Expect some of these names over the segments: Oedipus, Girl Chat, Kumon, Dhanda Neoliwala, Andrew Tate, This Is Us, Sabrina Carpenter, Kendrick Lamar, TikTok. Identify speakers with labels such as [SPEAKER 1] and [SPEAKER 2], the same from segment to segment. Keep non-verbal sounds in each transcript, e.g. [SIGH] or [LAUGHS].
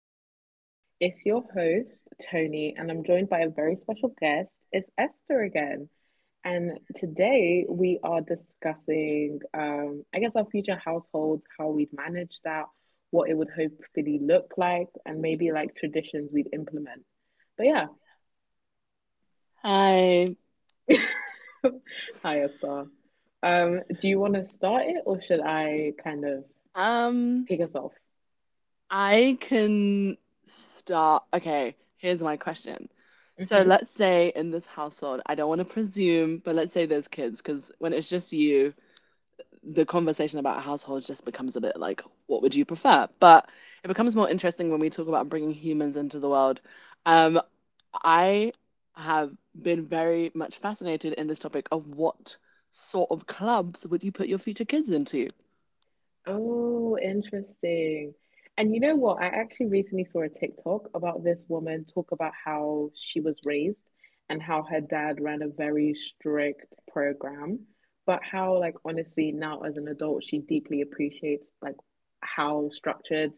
[SPEAKER 1] Chat. It's your host, Tony, and I'm joined by a very special guest. It's Esther again. And today we are discussing, I guess, our future households, how we'd manage that, what it would hopefully look like, and maybe like traditions we'd implement. But yeah,
[SPEAKER 2] I
[SPEAKER 1] [LAUGHS] hi, Esther. Do you want to start it or should I kind of
[SPEAKER 2] um
[SPEAKER 1] take us off?
[SPEAKER 2] I can start. Okay, here's my question. So
[SPEAKER 1] Mm-hmm.
[SPEAKER 2] let's say in this household, I don't want to presume, but let's say there's kids, because when it's just you, the conversation about households just becomes a bit like, what would you prefer? But it becomes more interesting when we talk about bringing humans into the world. Um, I have been very much fascinated in this topic of what sort of clubs would you put your future kids into?
[SPEAKER 1] Oh, interesting. And you know what? I actually recently saw a TikTok about this woman talk about how she was raised and how her dad ran a very strict program, but how, like, honestly, now as an adult, she deeply appreciates, like, how structured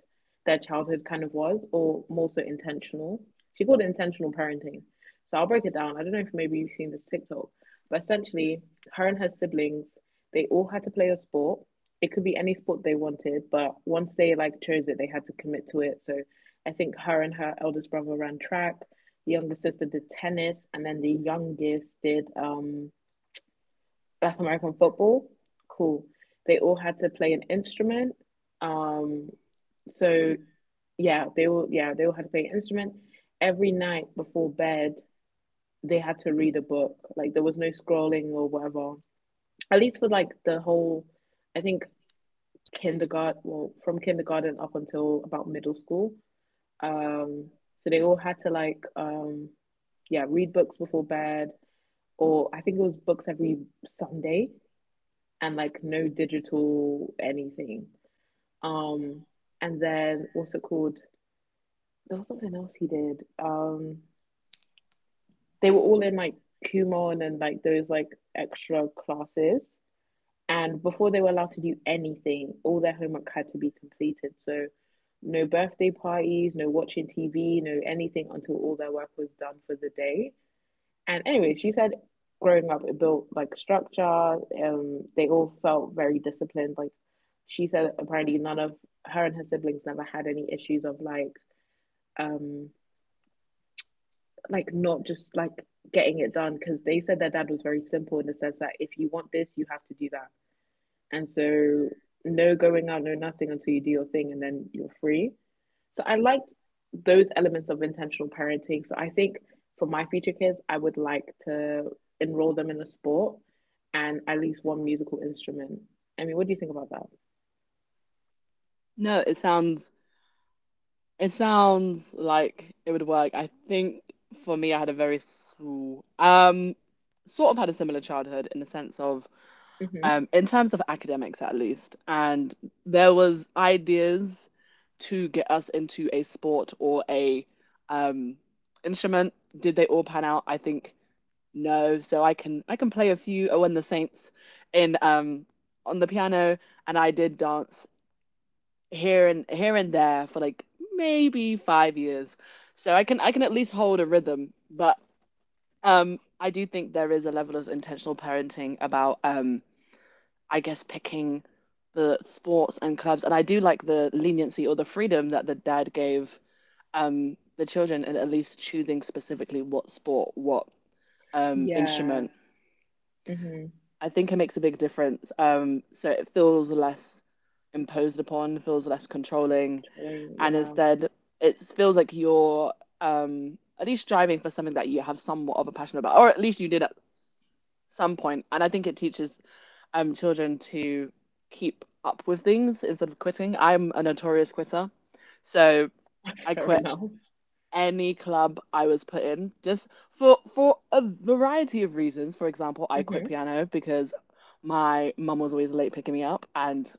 [SPEAKER 1] their childhood kind of was, or more so intentional. She called it intentional parenting. So I'll break it down. I don't know if maybe you've seen this TikTok, but essentially, her and her siblings, they all had to play a sport. It could be any sport they wanted, but once they like chose it, they had to commit to it. So I think her and her eldest brother ran track, the younger sister did tennis, and then the youngest did Black American football. Cool. They all had to play an instrument. Um so yeah, they all yeah, they all had to play an instrument. Every night before bed, they had to read a book. Like there was no scrolling or whatever. At least for like the whole, I think kindergarten, well, from kindergarten up until about middle school. Um, so they all had to like, yeah, read books before bed, or I think it was books every Sunday, and like no digital anything. Um, and then what's it called? There was something else he did. They were all in like Kumon and like those like extra classes. And before they were allowed to do anything, all their homework had to be completed. So, no birthday parties, no watching TV, no anything until all their work was done for the day. And anyway, she said growing up, it built like structure. They all felt very disciplined. Like she said, apparently none of her and her siblings never had any issues of um, like not just like getting it done because they said their dad was very simple in the sense that if you want this, you have to do that. And so no going out, no nothing until you do your thing and then you're free. So I like those elements of intentional parenting. So I think for my future kids, I would like to enroll them in a sport and at least one musical instrument. I mean, what do you think about that?
[SPEAKER 2] No, it sounds like it would work. I think for me, I had a very small, sort of had a similar childhood in the sense of,
[SPEAKER 1] Mm-hmm.
[SPEAKER 2] in terms of academics at least, and there was ideas to get us into a sport or a, um, instrument. Did they all pan out? I think no. So I can play a few. Oh, and the Saints in on the piano, and I did dance here and there for like maybe 5 years. So I can at least hold a rhythm, but I do think there is a level of intentional parenting about I guess picking the sports and clubs, and I do like the leniency or the freedom that the dad gave the children in at least choosing specifically what sport, what
[SPEAKER 1] Yeah.
[SPEAKER 2] instrument.
[SPEAKER 1] Mm-hmm.
[SPEAKER 2] I think it makes a big difference. So it feels less imposed upon, feels less controlling,
[SPEAKER 1] Trolling.
[SPEAKER 2] and
[SPEAKER 1] Yeah.
[SPEAKER 2] instead it feels like you're at least striving for something that you have somewhat of a passion about, or at least you did at some point. And I think it teaches children to keep up with things instead of quitting. I'm a notorious quitter, so I
[SPEAKER 1] [LAUGHS] Fair
[SPEAKER 2] quit
[SPEAKER 1] enough.
[SPEAKER 2] any club I was put in just for a variety of reasons. For example, I quit
[SPEAKER 1] Mm-hmm.
[SPEAKER 2] piano because my mum was always late picking me up and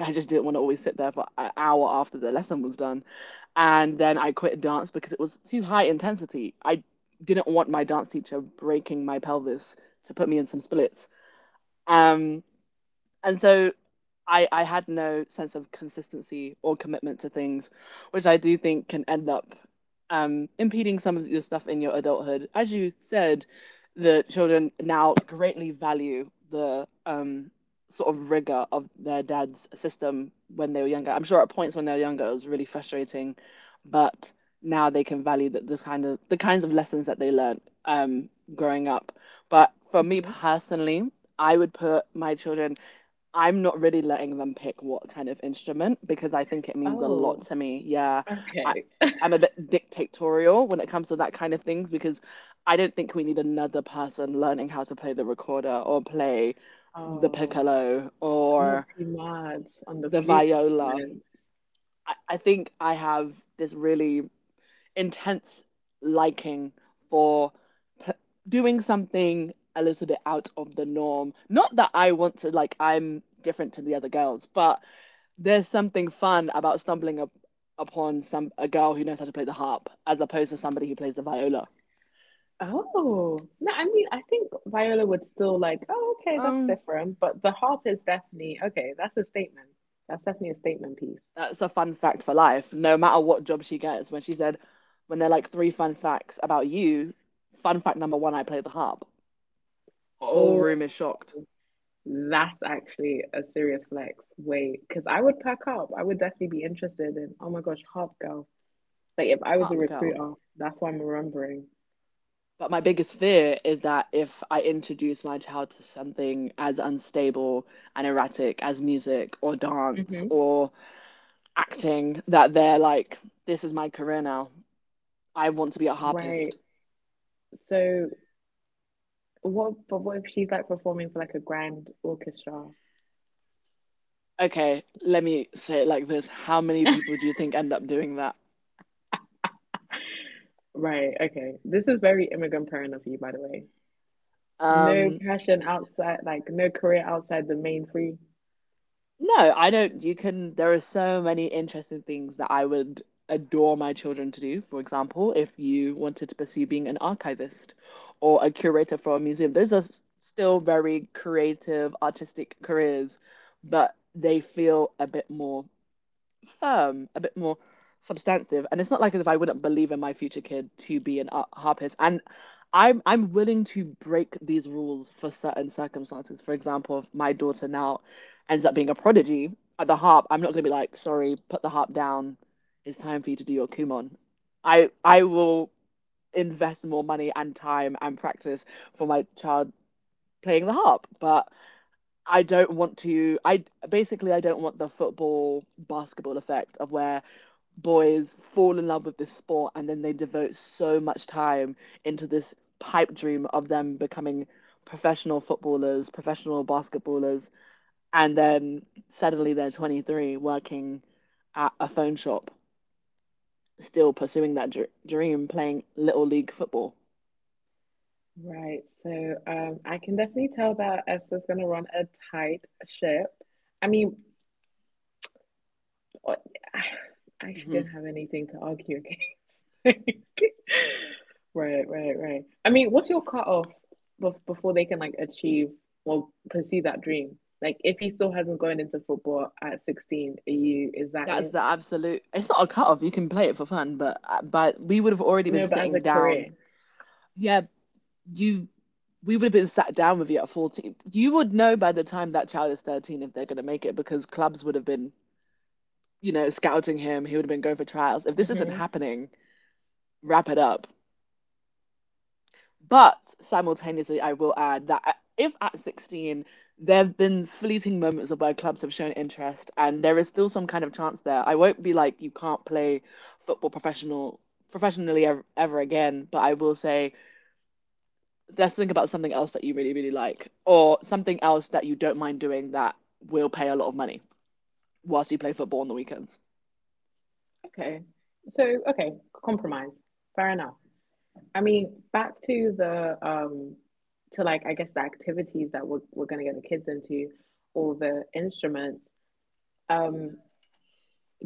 [SPEAKER 2] I just didn't want to always sit there for an hour after the lesson was done. And then I quit dance because it was too high intensity. I didn't want my dance teacher breaking my pelvis to put me in some splits. Um, and so I had no sense of consistency or commitment to things, which I do think can end up impeding some of your stuff in your adulthood. As you said, the children now greatly value the sort of rigor of their dad's system when they were younger. I'm sure at points when they were younger it was really frustrating, but now they can value the kind of the kinds of lessons that they learned growing up. But for me
[SPEAKER 1] Mm-hmm.
[SPEAKER 2] personally, I would put my children— I'm not really letting them pick what kind of instrument because I think it means a lot
[SPEAKER 1] Oh,
[SPEAKER 2] to me. Yeah, I,
[SPEAKER 1] okay.
[SPEAKER 2] I'm a bit dictatorial when it comes to that kind of things because I don't think we need another person learning how to play the recorder or play the
[SPEAKER 1] Oh.
[SPEAKER 2] piccolo
[SPEAKER 1] Not
[SPEAKER 2] or
[SPEAKER 1] Mad on the
[SPEAKER 2] the
[SPEAKER 1] flute
[SPEAKER 2] viola.
[SPEAKER 1] instruments.
[SPEAKER 2] I think I have this really intense liking for p- doing something a little bit out of the norm. Not that I want to, like, I'm different to the other girls, but there's something fun about upon some a girl who knows how to play the harp as opposed to somebody who plays the viola.
[SPEAKER 1] Oh, no, I mean, I think Viola would still like, oh, okay, that's
[SPEAKER 2] Um,
[SPEAKER 1] different. But the harp is definitely, okay, that's a statement. That's definitely a statement piece.
[SPEAKER 2] that's a fun fact for life. No matter what job she gets, when they're like three fun facts about you, fun fact number one, I play the harp. Whole
[SPEAKER 1] Oh,
[SPEAKER 2] room is shocked.
[SPEAKER 1] that's actually a serious flex. Wait, because I would pack up. I would definitely be interested in, oh my gosh, harp girl. Like, if I was a
[SPEAKER 2] Harp girl.
[SPEAKER 1] recruiter, that's what I'm remembering.
[SPEAKER 2] But my biggest fear is that if I introduce my child to something as unstable and erratic as music or dance
[SPEAKER 1] Hmm.
[SPEAKER 2] or acting, that they're like, this is my career now. I want to be a
[SPEAKER 1] Right.
[SPEAKER 2] harpist.
[SPEAKER 1] So, what, but what if she's like performing for like a grand orchestra?
[SPEAKER 2] Okay, let me say it like this. How many people do you think end up doing that?
[SPEAKER 1] Right, okay. This is very immigrant parental for you, by the way. No
[SPEAKER 2] Um,
[SPEAKER 1] passion outside, like no career outside the main three.
[SPEAKER 2] no, I don't. You can, there are so many interesting things that I would adore my children to do. For example, if you wanted to pursue being an archivist or a curator for a museum, those are still very creative, artistic careers, but they feel a bit more firm, a bit more substantive. And it's not like as if I wouldn't believe in my future kid to be an harpist. And I'm willing to break these rules for certain circumstances. For example, if my daughter now ends up being a prodigy at the harp, I'm not gonna be like, sorry, put the harp down. It's time for you to do your kumon. I will invest more money and time and practice for my child playing the harp, but I don't want to. I don't want the football basketball effect of where boys fall in love with this sport and then they devote so much time into this pipe dream of them becoming professional footballers, professional basketballers, and then suddenly they're 23 working at a phone shop, still pursuing that dream, playing little league football.
[SPEAKER 1] Right, so I can definitely tell that Esther's gonna run a tight ship. I mean, I [SIGHS] I actually
[SPEAKER 2] Hmm
[SPEAKER 1] didn't have anything to argue against. [LAUGHS] Right, right, right. I mean, what's your cutoff before they can like achieve or pursue that dream? Like, if he still hasn't gone into football at 16, are you, is that
[SPEAKER 2] That's
[SPEAKER 1] it?
[SPEAKER 2] the absolute. It's not a cut off. You can play it for fun, but we would have already been
[SPEAKER 1] No, but as a
[SPEAKER 2] sitting down.
[SPEAKER 1] career.
[SPEAKER 2] Yeah, you we would have been sat down with you at 14. You would know by the time that child is 13 if they're going to make it, because clubs would have been, you know, scouting him, he would have been going for trials. If this isn't
[SPEAKER 1] Mm-hmm.
[SPEAKER 2] happening, wrap it up. But simultaneously I will add that if at 16 there have been fleeting moments of where clubs have shown interest and there is still some kind of chance there, I won't be like, you can't play football professional professionally ever, ever again, but I will say let's think about something else that you really, really like, or something else that you don't mind doing that will pay a lot of money whilst you play football on the weekends.
[SPEAKER 1] Okay. So, okay, compromise. Fair enough. I mean, back to the to like I guess the activities that we're gonna get the kids into or the instruments. Um,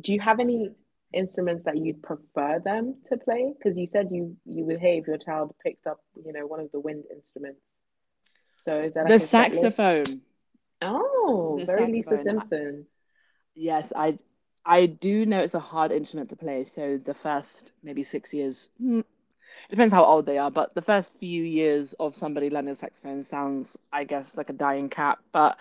[SPEAKER 1] do you have any instruments that you'd prefer them to play? Because you said you would hate if your child picked up, you know, one of the wind instruments. So is there
[SPEAKER 2] The
[SPEAKER 1] like a set list?
[SPEAKER 2] saxophone.
[SPEAKER 1] Oh,
[SPEAKER 2] The
[SPEAKER 1] very Lisa
[SPEAKER 2] saxophone.
[SPEAKER 1] Simpson.
[SPEAKER 2] Yes, I do know it's a hard instrument to play. So the first maybe 6 years— it depends how old they are, but the first few years of somebody learning saxophone sounds, I guess, like a dying cat. But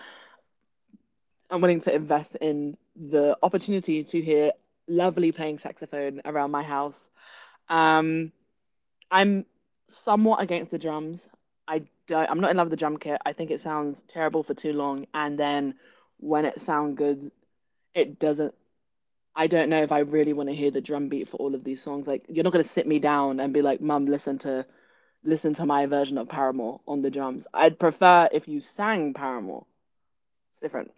[SPEAKER 2] I'm willing to invest in the opportunity to hear lovely playing saxophone around my house. Um, I'm somewhat against the drums. I'm not in love with the drum kit. I think it sounds terrible for too long, and then when it sounds good, it doesn't. I don't know if I really want to hear the drum beat for all of these songs. Like, you're not gonna sit me down and be like, "Mum, listen to my version of Paramore on the drums." I'd prefer if you sang Paramore. It's different.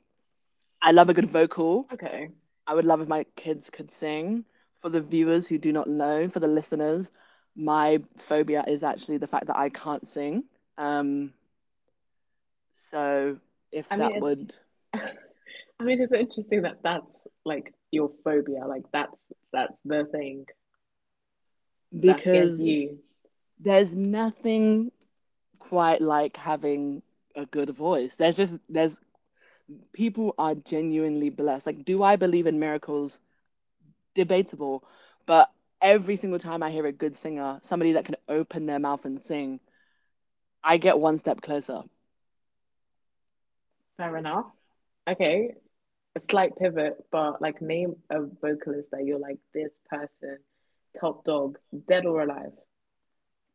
[SPEAKER 2] I love a good vocal.
[SPEAKER 1] Okay.
[SPEAKER 2] I would love if my kids could sing. For the viewers who do not know, for the listeners, my phobia is actually the fact that I can't sing. Um, so if
[SPEAKER 1] I mean,
[SPEAKER 2] that
[SPEAKER 1] it's
[SPEAKER 2] would,
[SPEAKER 1] [LAUGHS] I mean, it's interesting that that's like your phobia. Like that's the thing that scares
[SPEAKER 2] because
[SPEAKER 1] you.
[SPEAKER 2] there's nothing quite like having a good voice. There's people are genuinely blessed. Like, do I believe in miracles? Debatable. But every single time I hear a good singer, somebody that can open their mouth and sing, I get one step closer.
[SPEAKER 1] Fair enough. Okay, a slight pivot, but like name a vocalist that you're like this person, top dog, dead or alive.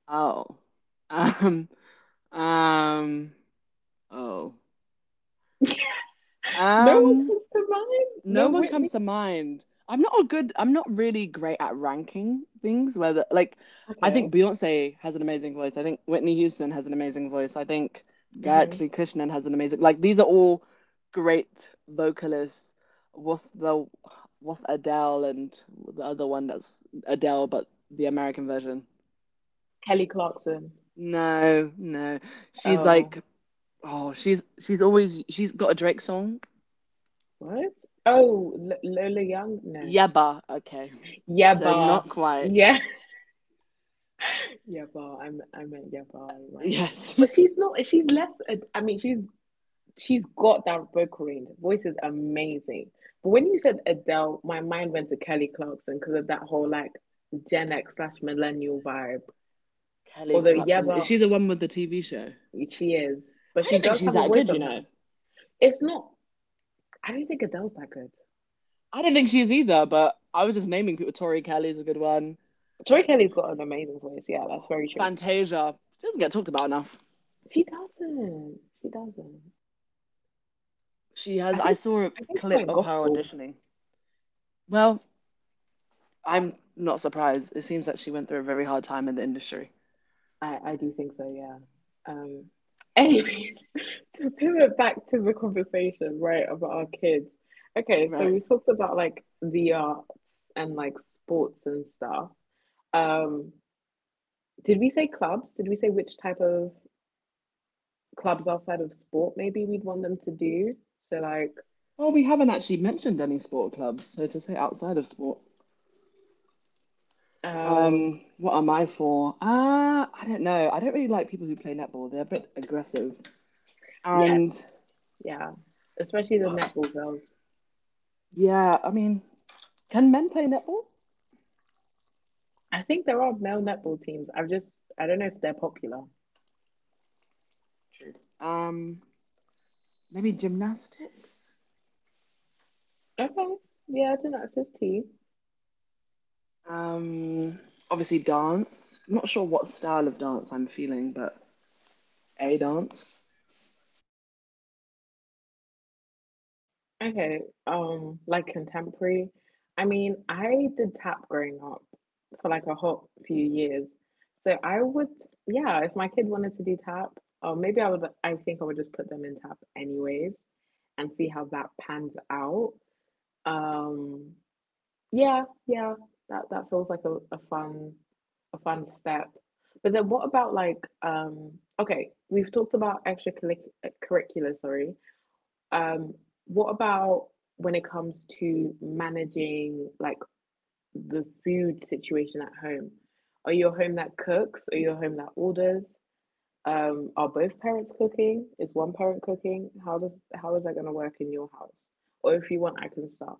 [SPEAKER 2] Oh. Um, um, oh.
[SPEAKER 1] No one
[SPEAKER 2] Um,
[SPEAKER 1] comes to mind. No
[SPEAKER 2] no one
[SPEAKER 1] Whitney.
[SPEAKER 2] comes to mind. I'm not really great at ranking things, whether, like, I
[SPEAKER 1] Okay.
[SPEAKER 2] think Beyonce has an amazing voice. I think Whitney Houston has an amazing voice. I think
[SPEAKER 1] Hmm.
[SPEAKER 2] Gayatri Krishnan has an amazing, like, these are all great vocalists. What's the, what's Adele and the other one that's Adele, but the American version?
[SPEAKER 1] Kelly Clarkson.
[SPEAKER 2] No, no. She's
[SPEAKER 1] Oh,
[SPEAKER 2] like— oh, she's always— she's got a Drake song.
[SPEAKER 1] what? Oh, Lola Young. No.
[SPEAKER 2] Yabba. Okay. So
[SPEAKER 1] Yeba.
[SPEAKER 2] not quite.
[SPEAKER 1] Yeah. [LAUGHS] Yeba. I'm. I meant Yeba. Right.
[SPEAKER 2] Yes.
[SPEAKER 1] But she's not. She's less. I mean, she's got that vocal range. Voice is amazing. But when you said Adele, my mind went to Kelly Clarkson because of that whole like Gen X slash millennial vibe.
[SPEAKER 2] [LAUGHS] Kelly
[SPEAKER 1] Although
[SPEAKER 2] Clarkson. Is
[SPEAKER 1] Yeba,
[SPEAKER 2] she the one with the TV show?
[SPEAKER 1] she is, but
[SPEAKER 2] I don't
[SPEAKER 1] she
[SPEAKER 2] think
[SPEAKER 1] does
[SPEAKER 2] she's
[SPEAKER 1] have a
[SPEAKER 2] that
[SPEAKER 1] voice
[SPEAKER 2] good, you
[SPEAKER 1] on
[SPEAKER 2] know.
[SPEAKER 1] her. It's not, I don't think Adele's that good.
[SPEAKER 2] I don't think she is either, but I was just naming people. Tori Kelly's a good one.
[SPEAKER 1] Tori Kelly's got an amazing voice. Yeah, that's very true.
[SPEAKER 2] Fantasia. She doesn't get talked about enough.
[SPEAKER 1] She doesn't. She doesn't.
[SPEAKER 2] She has—
[SPEAKER 1] I
[SPEAKER 2] I
[SPEAKER 1] think
[SPEAKER 2] saw a
[SPEAKER 1] I think she
[SPEAKER 2] clip
[SPEAKER 1] went
[SPEAKER 2] of her
[SPEAKER 1] gospel.
[SPEAKER 2] auditioning. Well, I'm not surprised. It seems that she went through a very hard time in the industry.
[SPEAKER 1] I do think so, yeah. Um Anyways, [LAUGHS] to pivot back to the conversation, right, about our kids. Okay, so
[SPEAKER 2] Right.
[SPEAKER 1] we talked about like the arts and like sports and stuff. Um did we say clubs? Did we say which type of clubs outside of sport maybe we'd want them to do? So like
[SPEAKER 2] Well, we haven't actually mentioned any sport clubs, so to say outside of sport.
[SPEAKER 1] um
[SPEAKER 2] What am I for? Ah, I don't know. I don't really like people who play netball. They're a bit aggressive.
[SPEAKER 1] Yes.
[SPEAKER 2] And
[SPEAKER 1] Yeah. Especially the
[SPEAKER 2] but
[SPEAKER 1] netball girls.
[SPEAKER 2] yeah, I mean, can men play netball?
[SPEAKER 1] I think there are male netball teams. I've just I don't know if they're popular.
[SPEAKER 2] True. Um, maybe gymnastics.
[SPEAKER 1] Okay. Yeah, I didn't access tea.
[SPEAKER 2] Um, obviously dance. I'm not sure what style of dance I'm feeling, but a dance.
[SPEAKER 1] Okay. Like contemporary. I mean, I did tap growing up for like a hot few years. So I would, yeah, if my kid wanted to do tap, or maybe I would I think I would just put them in tap anyways and see how that pans out. Um, Yeah, yeah. That that feels like a fun, a fun step. But then what about like okay, we've talked about extracurricular, sorry. Um what about when it comes to managing like the food situation at home? Are you a home that cooks? Are you a home that orders? Are both parents cooking? Is one parent cooking? How is that gonna work in your house? Or if you want, I can start.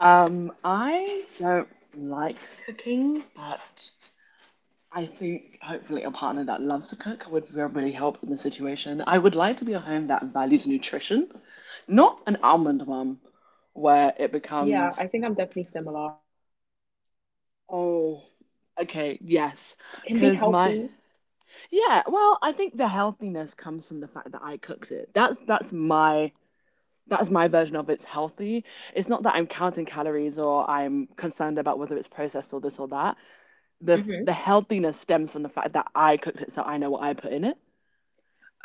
[SPEAKER 2] I don't like cooking, but I think hopefully a partner that loves to cook would really help in the situation. I would like to be a home that values nutrition, not an almond one where it
[SPEAKER 1] Yeah,
[SPEAKER 2] becomes—
[SPEAKER 1] I think I'm definitely similar. I want to be a home that
[SPEAKER 2] oh,
[SPEAKER 1] um
[SPEAKER 2] okay, yes.
[SPEAKER 1] can be
[SPEAKER 2] Because my,
[SPEAKER 1] healthy.
[SPEAKER 2] yeah, well, I think the healthiness comes from the fact that I cooked it. That's, That's my version of it's healthy. It's not that I'm counting calories or I'm concerned about whether it's processed or this or that. The
[SPEAKER 1] Hmm.
[SPEAKER 2] healthiness stems from the fact that I cooked it so I know what I put in it.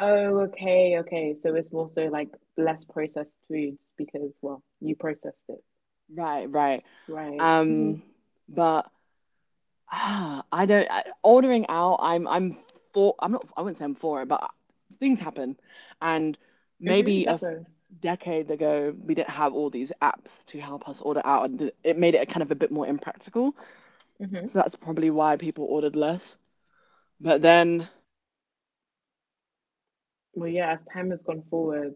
[SPEAKER 1] Oh, okay, okay. So it's more so like less processed foods because, well, you processed it.
[SPEAKER 2] Right, right.
[SPEAKER 1] Right. Hmm.
[SPEAKER 2] Um, but I don't I, ordering out, I'm for. I'm not. I wouldn't say I'm for it, but things happen, and
[SPEAKER 1] Hmm.
[SPEAKER 2] maybe
[SPEAKER 1] Definitely.
[SPEAKER 2] decade ago we didn't have all these apps to help us order out, and it made it kind of a bit more impractical. So
[SPEAKER 1] Hmm.
[SPEAKER 2] that's probably why people ordered less. But then,
[SPEAKER 1] Well, yeah, as time has gone forward,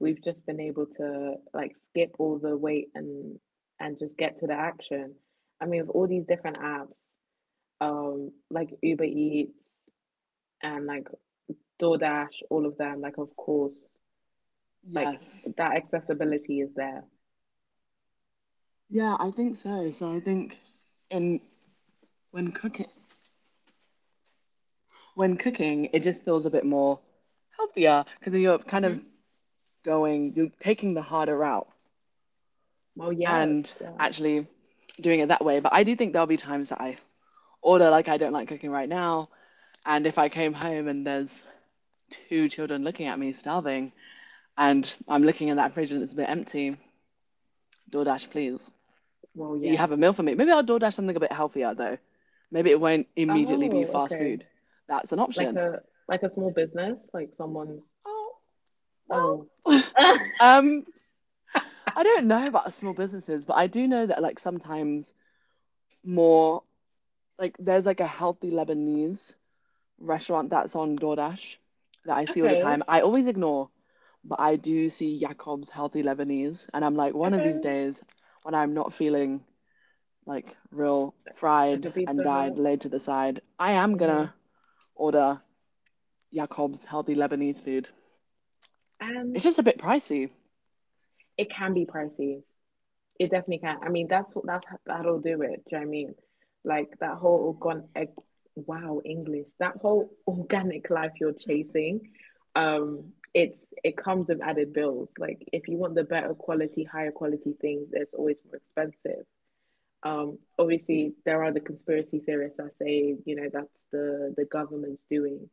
[SPEAKER 1] we've just been able to like skip all the wait and just get to the action. I mean, with all these different apps, like Uber Eats, and like DoorDash, all of them, like of course, like
[SPEAKER 2] yes,
[SPEAKER 1] that accessibility is there.
[SPEAKER 2] yeah, I think so. So I think in when cooking when cooking, it just feels a bit more healthier because you're kind
[SPEAKER 1] Hmm.
[SPEAKER 2] of you're taking the harder route
[SPEAKER 1] Well, yes,
[SPEAKER 2] and
[SPEAKER 1] yeah.
[SPEAKER 2] actually doing it that way. But I do think there'll be times that I order, like, I don't like cooking right now. And if I came home and there's two children looking at me starving and I'm looking in that fridge and it's a bit empty, DoorDash, please.
[SPEAKER 1] Well,
[SPEAKER 2] You
[SPEAKER 1] yes.
[SPEAKER 2] have a meal for me.
[SPEAKER 1] Like,
[SPEAKER 2] Maybe I'll DoorDash something a bit healthier though. Maybe it won't immediately be
[SPEAKER 1] oh,
[SPEAKER 2] fast
[SPEAKER 1] okay.
[SPEAKER 2] food. That's an
[SPEAKER 1] Like
[SPEAKER 2] option.
[SPEAKER 1] a like a small business, like someone's.
[SPEAKER 2] Oh, well.
[SPEAKER 1] Oh,
[SPEAKER 2] [LAUGHS]
[SPEAKER 1] [LAUGHS]
[SPEAKER 2] Um, I don't know about small businesses, but I do know that, like, sometimes more like there's like a healthy Lebanese restaurant that's on DoorDash that I see all the
[SPEAKER 1] okay,
[SPEAKER 2] time. I always ignore, but I do see Jacob's healthy Lebanese, and I'm like, one of these
[SPEAKER 1] okay.
[SPEAKER 2] days when I'm not feeling like real
[SPEAKER 1] Like
[SPEAKER 2] fried
[SPEAKER 1] a
[SPEAKER 2] and
[SPEAKER 1] Pizza
[SPEAKER 2] dyed
[SPEAKER 1] Hut.
[SPEAKER 2] laid to the side, I am
[SPEAKER 1] Hmm.
[SPEAKER 2] gonna order Jacob's healthy Lebanese food.
[SPEAKER 1] And
[SPEAKER 2] It's just a bit pricey.
[SPEAKER 1] it can be pricey. It definitely can. I mean, that's what, that'll do it. Do you know what I mean? Like that whole organic? Wow, English. That whole [LAUGHS] organic life you're chasing, it's it comes with added bills. Like if you want the better quality, higher quality things, it's always more expensive. Obviously, there are the conspiracy theorists that say, you know, that's the government's doing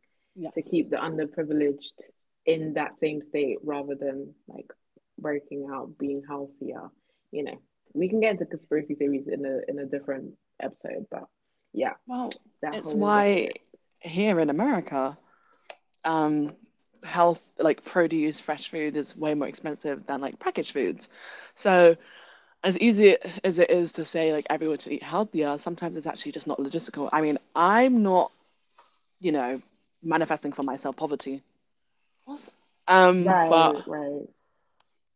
[SPEAKER 1] to keep
[SPEAKER 2] Yes.
[SPEAKER 1] the underprivileged in that same state rather than like breaking out, being healthier. You know, we can get into conspiracy theories in a different episode, but yeah,
[SPEAKER 2] Well,
[SPEAKER 1] that
[SPEAKER 2] it's
[SPEAKER 1] whole
[SPEAKER 2] why
[SPEAKER 1] rhetoric.
[SPEAKER 2] here in America, um, health, like produce, fresh food is way more expensive than like packaged foods. So, as easy as it is to say like everyone should eat healthier, sometimes it's actually just not logistical. I mean, I'm not, you know, manifesting for myself poverty. What's, but
[SPEAKER 1] Right, right.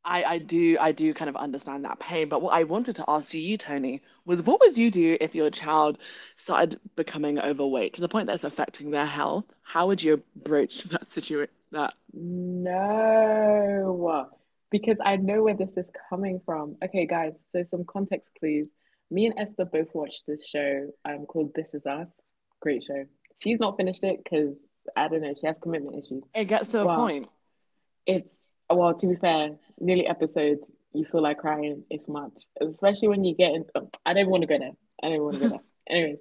[SPEAKER 2] I do, I do kind of understand that pain. But what I wanted to ask you, Tony, was what would you do if your child started becoming overweight to the point that's affecting their health? How would you broach that situation? That
[SPEAKER 1] No, because I know where this is coming from. Okay, guys, so some context, please. Me and Esther both watched this show, called This Is Us. Great show. She's not finished it because I don't know, she has commitment issues.
[SPEAKER 2] it gets to a
[SPEAKER 1] But
[SPEAKER 2] point.
[SPEAKER 1] it's, well, to be fair, nearly episode, you feel like crying. It's much, especially when you get in. I don't want to go there. I don't want to go there. Anyways,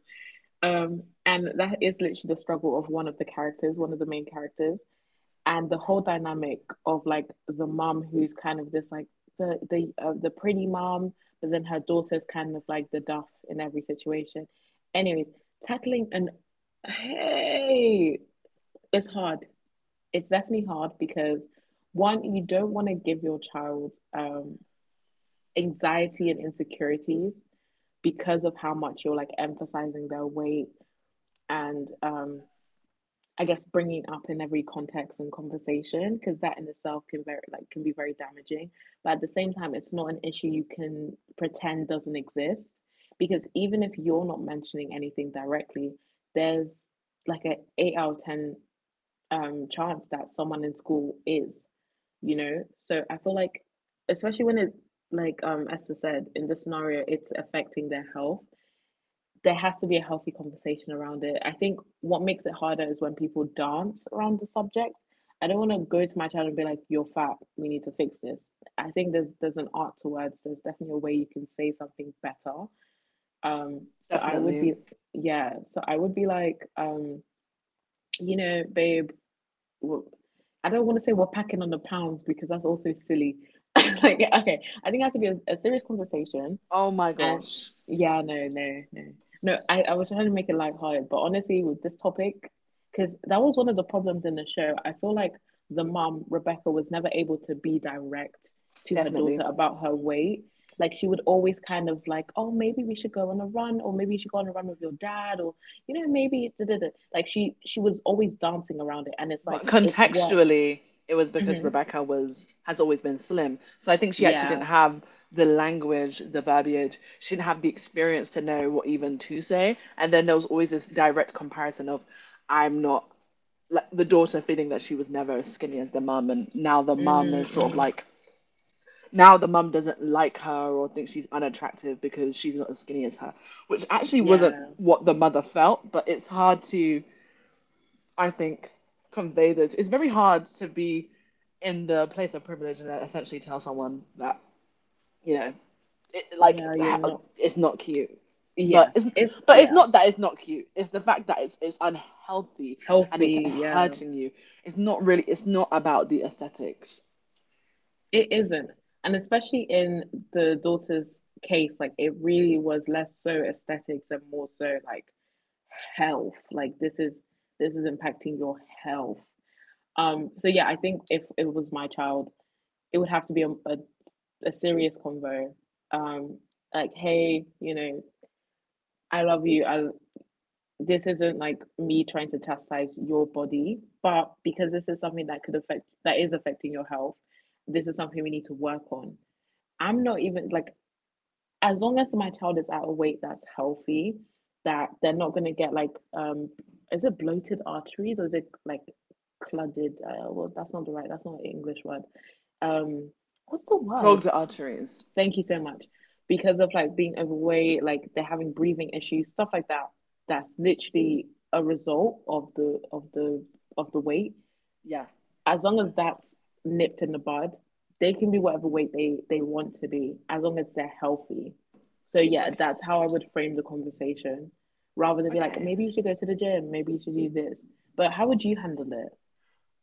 [SPEAKER 1] and that is literally the struggle of one of the characters, one of the main characters and the whole dynamic of like the mum who's kind of this like the pretty mom, but then her daughter's kind of like the duff in every situation. Anyways, tackling an hey, it's hard. It's definitely hard because one, you don't want to give your child anxiety and insecurities because of how much you're like emphasizing their weight and, I guess bringing up in every context and conversation because that in itself can very like can be very damaging. But at the same time, it's not an issue you can pretend doesn't exist because even if you're not mentioning anything directly, there's like a eight out of ten chance that someone in school is. So I feel like, especially when it like Esther said in the scenario, it's affecting their health, there has to be a healthy conversation around it. I think what makes it harder is when people dance around the subject. I don't want to go to my child and be like, "You're fat. We need to fix this." I think there's an art to words. There's definitely a way you can say something better. So I would
[SPEAKER 2] Definitely.
[SPEAKER 1] be, yeah. So I would be like, you know, babe. I I don't want to say we're packing on the pounds because that's also silly. [LAUGHS] Like, okay, I think it has to be a serious conversation
[SPEAKER 2] Oh my
[SPEAKER 1] and
[SPEAKER 2] gosh.
[SPEAKER 1] yeah, no. I was trying to make it lighthearted, but honestly, with this topic, because that was one of the problems in the show. I feel like the mom, Rebecca, was never able to be direct to her
[SPEAKER 2] Definitely.
[SPEAKER 1] daughter about her weight. Like she would always kind of like, oh, maybe we should go on a run, or maybe you should go on a run with your dad, or you know, maybe da, da, da. Like she was always dancing around it, and it's like
[SPEAKER 2] But
[SPEAKER 1] it's what,
[SPEAKER 2] contextually, it was because
[SPEAKER 1] hmm,
[SPEAKER 2] Rebecca was has always been slim. So I think she actually
[SPEAKER 1] yeah,
[SPEAKER 2] didn't have the language, the verbiage. She didn't have the experience to know what even to say. And then there was always this direct comparison of I'm not like the daughter feeling that she was never as skinny as the mum, and now the mum
[SPEAKER 1] mm
[SPEAKER 2] is sort of
[SPEAKER 1] mm,
[SPEAKER 2] like now the mum doesn't like her or thinks she's unattractive because she's not as skinny as her, which actually wasn't
[SPEAKER 1] yeah,
[SPEAKER 2] what the mother felt, but it's hard to, I think, convey those. It's very hard to be in the place of privilege and essentially tell someone that, you know, it, like
[SPEAKER 1] yeah, you're not,
[SPEAKER 2] it's not cute.
[SPEAKER 1] yeah,
[SPEAKER 2] But it's,
[SPEAKER 1] it's
[SPEAKER 2] but it's
[SPEAKER 1] yeah.
[SPEAKER 2] not that it's not cute. It's the fact that it's unhealthy and it's
[SPEAKER 1] Healthy. Yeah,
[SPEAKER 2] hurting you. It's not really. It's not about the aesthetics.
[SPEAKER 1] it isn't. And especially in the daughter's case, like it really was less so aesthetics and more so like health. Like this is impacting your health. So yeah, I think if it was my child, it would have to be a serious convo. Um. Like, hey, you know, I love you. I this isn't like me trying to chastise your body, but because this is something that could affect that is affecting your health, this is something we need to work on. I'm not even like as long as my child is at a weight that's healthy, that they're not gonna get like is it bloated arteries or is it like cluttered? Well, that's not the right. That's not an English word. Um, what's the word?
[SPEAKER 2] Clogged arteries.
[SPEAKER 1] Thank you so much. Because of like being overweight, like they're having breathing issues, stuff like that. That's literally a result of the weight.
[SPEAKER 2] Yeah.
[SPEAKER 1] As long as that's nipped in the bud, they can be whatever weight they want to be, as long as they're healthy. So yeah,
[SPEAKER 2] Okay.
[SPEAKER 1] that's how I would frame the conversation, rather than be like,
[SPEAKER 2] Okay.
[SPEAKER 1] maybe you should go to the gym, maybe you should do this. But how would you handle it?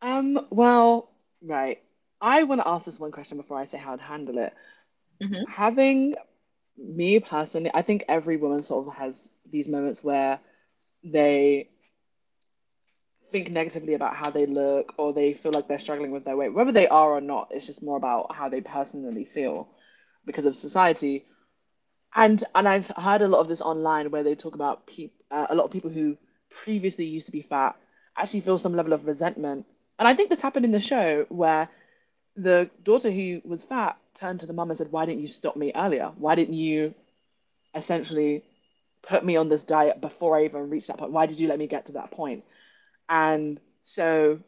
[SPEAKER 2] Well. Right. I want to ask this one question before I say how I'd handle it.
[SPEAKER 1] Mm-hmm.
[SPEAKER 2] Having Me personally, I think every woman sort of has these moments where they think negatively about how they look or they feel like they're struggling with their weight. Whether they are or not, it's just more about how they personally feel because of society. And I've heard a lot of this online where they talk about peop a lot of people who previously used to be fat actually feel some level of resentment. And I think this happened in the show where the daughter who was fat turned to the mum and said, "Why didn't you stop me earlier? Why didn't you essentially put me on this diet before I even reached that point? Why did you let me get to that point?" And so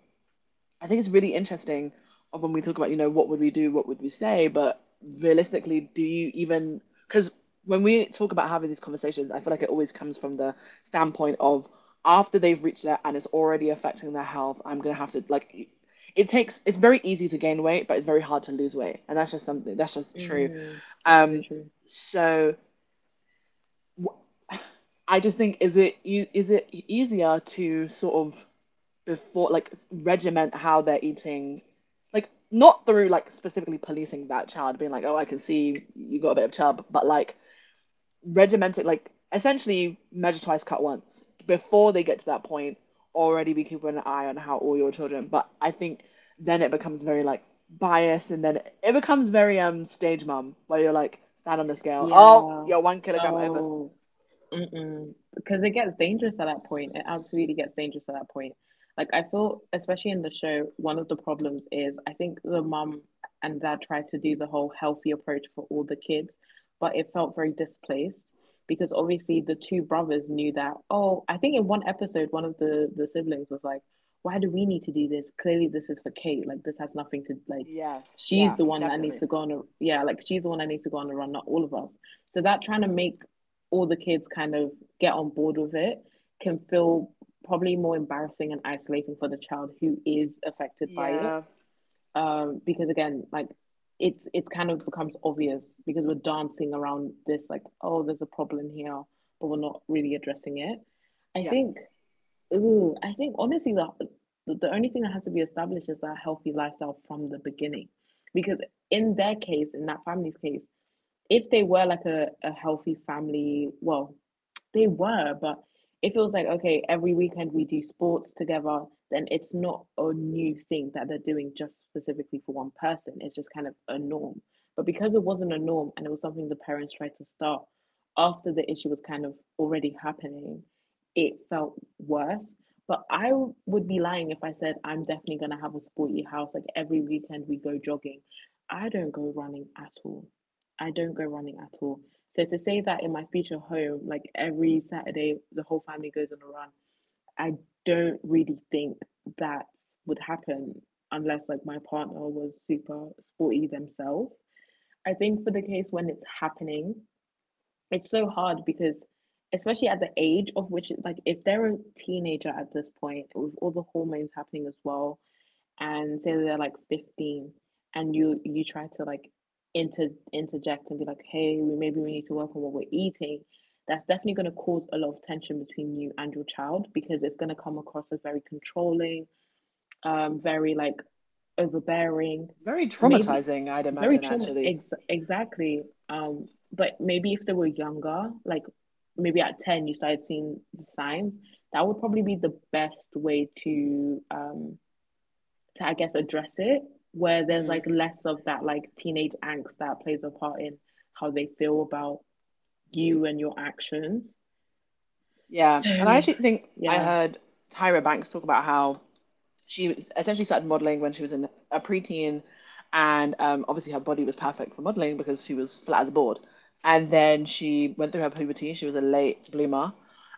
[SPEAKER 2] I think it's really interesting when we talk about, you know, what would we do, what would we say, but realistically, because when we talk about having these conversations, I feel like it always comes from the standpoint of after they've reached that and it's already affecting their health. I'm going to have to, like, it's very easy to gain weight, but it's very hard to lose weight. And that's just something, that's just true.
[SPEAKER 1] Mm, that's very
[SPEAKER 2] Um,
[SPEAKER 1] true.
[SPEAKER 2] so I just think, is it is it easier to sort of before like regiment how they're eating, like not through like specifically policing that child, being like, oh, I can see you got a bit of chub, but like regiment it, like essentially measure twice, cut once before they get to that point. Already be keeping an eye on how all your children, but I think then it becomes very like biased, and then it becomes very stage mum where you're like stand on the scale. Oh,
[SPEAKER 1] Yeah.
[SPEAKER 2] you're 1 kg over.
[SPEAKER 1] Oh, mm-mm. Because it gets dangerous at that point. It absolutely gets dangerous at that point. Like I feel, especially in the show, one of the problems is I think the mum and dad tried to do the whole healthy approach for all the kids, but it felt very displaced because obviously the two brothers knew that, oh, I think in one episode, one of the siblings was like, why do we need to do this? Clearly this is for Kate. Like this has nothing to like
[SPEAKER 2] Yes,
[SPEAKER 1] she's
[SPEAKER 2] yeah,
[SPEAKER 1] the one that needs
[SPEAKER 2] definitely.
[SPEAKER 1] to go on a yeah, like she's the one that needs to go on a run, not all of us. So that trying to make all the kids kind of get on board with it can feel probably more embarrassing and isolating for the child who is affected by it.
[SPEAKER 2] Yeah,
[SPEAKER 1] Because again, like it's kind of becomes obvious because we're dancing around this like oh there's a problem here but we're not really addressing it, I
[SPEAKER 2] yeah.
[SPEAKER 1] think, ooh, I think honestly the only thing that has to be established is that healthy lifestyle from the beginning because in their case in that family's case if they were like a healthy family well they were, but if it was like, okay, every weekend we do sports together, then it's not a new thing that they're doing just specifically for one person. It's just kind of a norm. But because it wasn't a norm and it was something the parents tried to start after the issue was kind of already happening, it felt worse. But I would be lying if I said I'm definitely going to have a sporty house. Like every weekend we go jogging. I don't go running at all. I don't go running at all. So to say that in my future home, like every Saturday, the whole family goes on a run, I don't really think that would happen unless like my partner was super sporty themselves. I think for the case when it's happening, it's so hard because especially at the age of which like if they're a teenager at this point with all the hormones happening as well and say they're like 15 and you try to like inter interject and be like hey we maybe we need to work on what we're eating, that's definitely going to cause a lot of tension between you and your child because it's going to come across as very controlling, very like overbearing,
[SPEAKER 2] Very
[SPEAKER 1] maybe
[SPEAKER 2] traumatizing, I'd
[SPEAKER 1] very
[SPEAKER 2] imagine, actually.
[SPEAKER 1] exactly. Um, but maybe if they were younger like maybe at 10 you started seeing the signs, that would probably be the best way to I guess address it where there's like less of that like teenage angst that plays a part in how they feel about you and your actions.
[SPEAKER 2] Yeah. And I actually think I
[SPEAKER 1] Yeah.
[SPEAKER 2] heard Tyra Banks talk about how she essentially started modeling when she was in a preteen, and obviously her body was perfect for modeling because she was flat as a board. And then she went through her puberty, she was a late bloomer,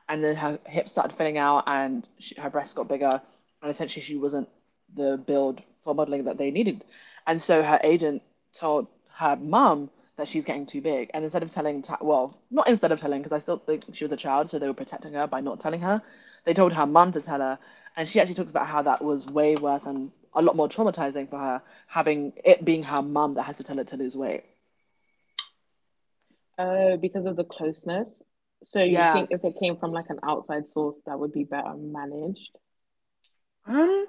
[SPEAKER 2] and then her hips started filling out, and her breasts got bigger, and essentially she wasn't the build for modeling that they needed. And so her agent told her mum that she's getting too big. And instead of well, not instead of telling, because I still think she was a child, so they were protecting her by not telling her. They told her mum to tell her. And she actually talks about how that was way worse and a lot more traumatizing for her, having it being her mum that has to tell her to lose weight.
[SPEAKER 1] Oh, because of the closeness. So you
[SPEAKER 2] Yeah.
[SPEAKER 1] think if it came from like an outside source that would be better managed?
[SPEAKER 2] Um,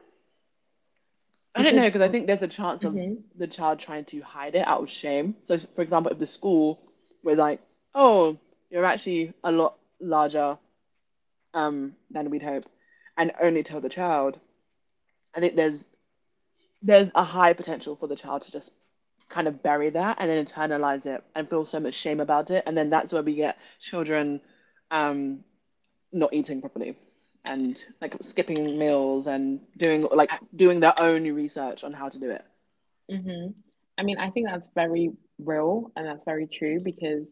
[SPEAKER 2] I don't
[SPEAKER 1] Because
[SPEAKER 2] know, because I think there's a chance of
[SPEAKER 1] mhm.
[SPEAKER 2] the child trying to hide it out of shame. So, for example, if the school was like, "Oh, you're actually a lot larger than we'd hope," and only tell the child, I think there's a high potential for the child to just kind of bury that and then internalize it and feel so much shame about it, and then that's where we get children, um, not eating properly, and like skipping meals and
[SPEAKER 1] I,
[SPEAKER 2] doing their own research on how to do it.
[SPEAKER 1] hmm, I mean, I think that's very real and that's very true because,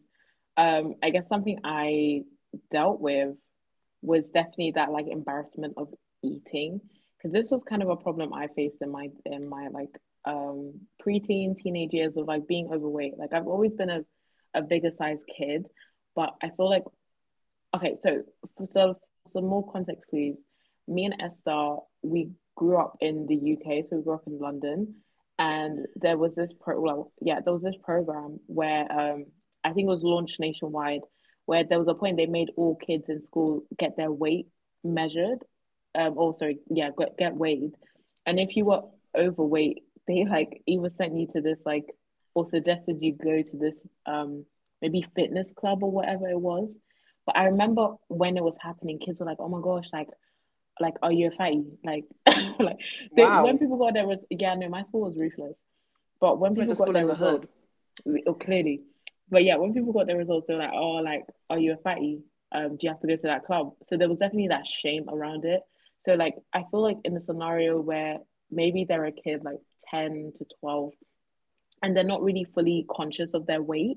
[SPEAKER 1] I guess something I dealt with was definitely that like embarrassment of eating because this was kind of a problem I faced in my like um preteen teenage years of like being overweight. Like I've always been a bigger size kid, but I feel like okay, so for some more context, please. Me and Esther, we grew up in the UK, so we grew up in London,
[SPEAKER 2] Yeah,
[SPEAKER 1] and there was this pro. Well, yeah, there was this program where I think it was launched nationwide, where there was a point they made all kids in school get their weight measured, or sorry, yeah, get weighed, and
[SPEAKER 2] yeah.
[SPEAKER 1] if you were overweight, [LAUGHS] they like either sent you to this like or suggested you go to this maybe fitness club or whatever it was, but I remember when it was happening, kids were like, "Oh my gosh, like, are you a fatty?" Like, [LAUGHS] like they when
[SPEAKER 2] Wow.
[SPEAKER 1] people got their results. Yeah, no, my school was ruthless. But when
[SPEAKER 2] She went
[SPEAKER 1] people
[SPEAKER 2] to
[SPEAKER 1] got
[SPEAKER 2] school in
[SPEAKER 1] their
[SPEAKER 2] the hood.
[SPEAKER 1] results, oh, clearly, but yeah, when people got their results, they were like, "Oh, like, are you a fatty? Do you have to go to that club?" So there was definitely that shame around it. So like, I feel like in the scenario where maybe they're a kid like 10 to 12 and they're not really fully conscious of their weight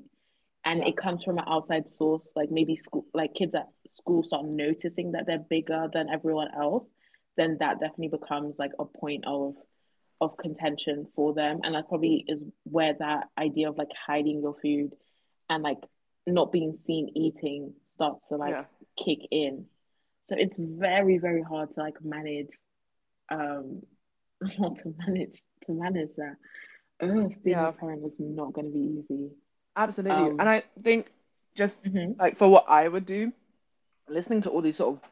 [SPEAKER 1] and
[SPEAKER 2] Yeah.
[SPEAKER 1] it comes from an outside source like maybe school like kids at school start noticing that they're bigger than everyone else, then that definitely becomes like a point of contention for them and that probably is where that idea of like hiding your food and like not being seen eating starts to like
[SPEAKER 2] Yeah.
[SPEAKER 1] kick in. So it's very hard to like manage, um, [LAUGHS] to manage that. Ugh, being a
[SPEAKER 2] Yeah.
[SPEAKER 1] parent is not going to be easy.
[SPEAKER 2] Absolutely. And
[SPEAKER 1] Um,
[SPEAKER 2] I think just
[SPEAKER 1] mhm.
[SPEAKER 2] like for what I would do, listening to all these sort of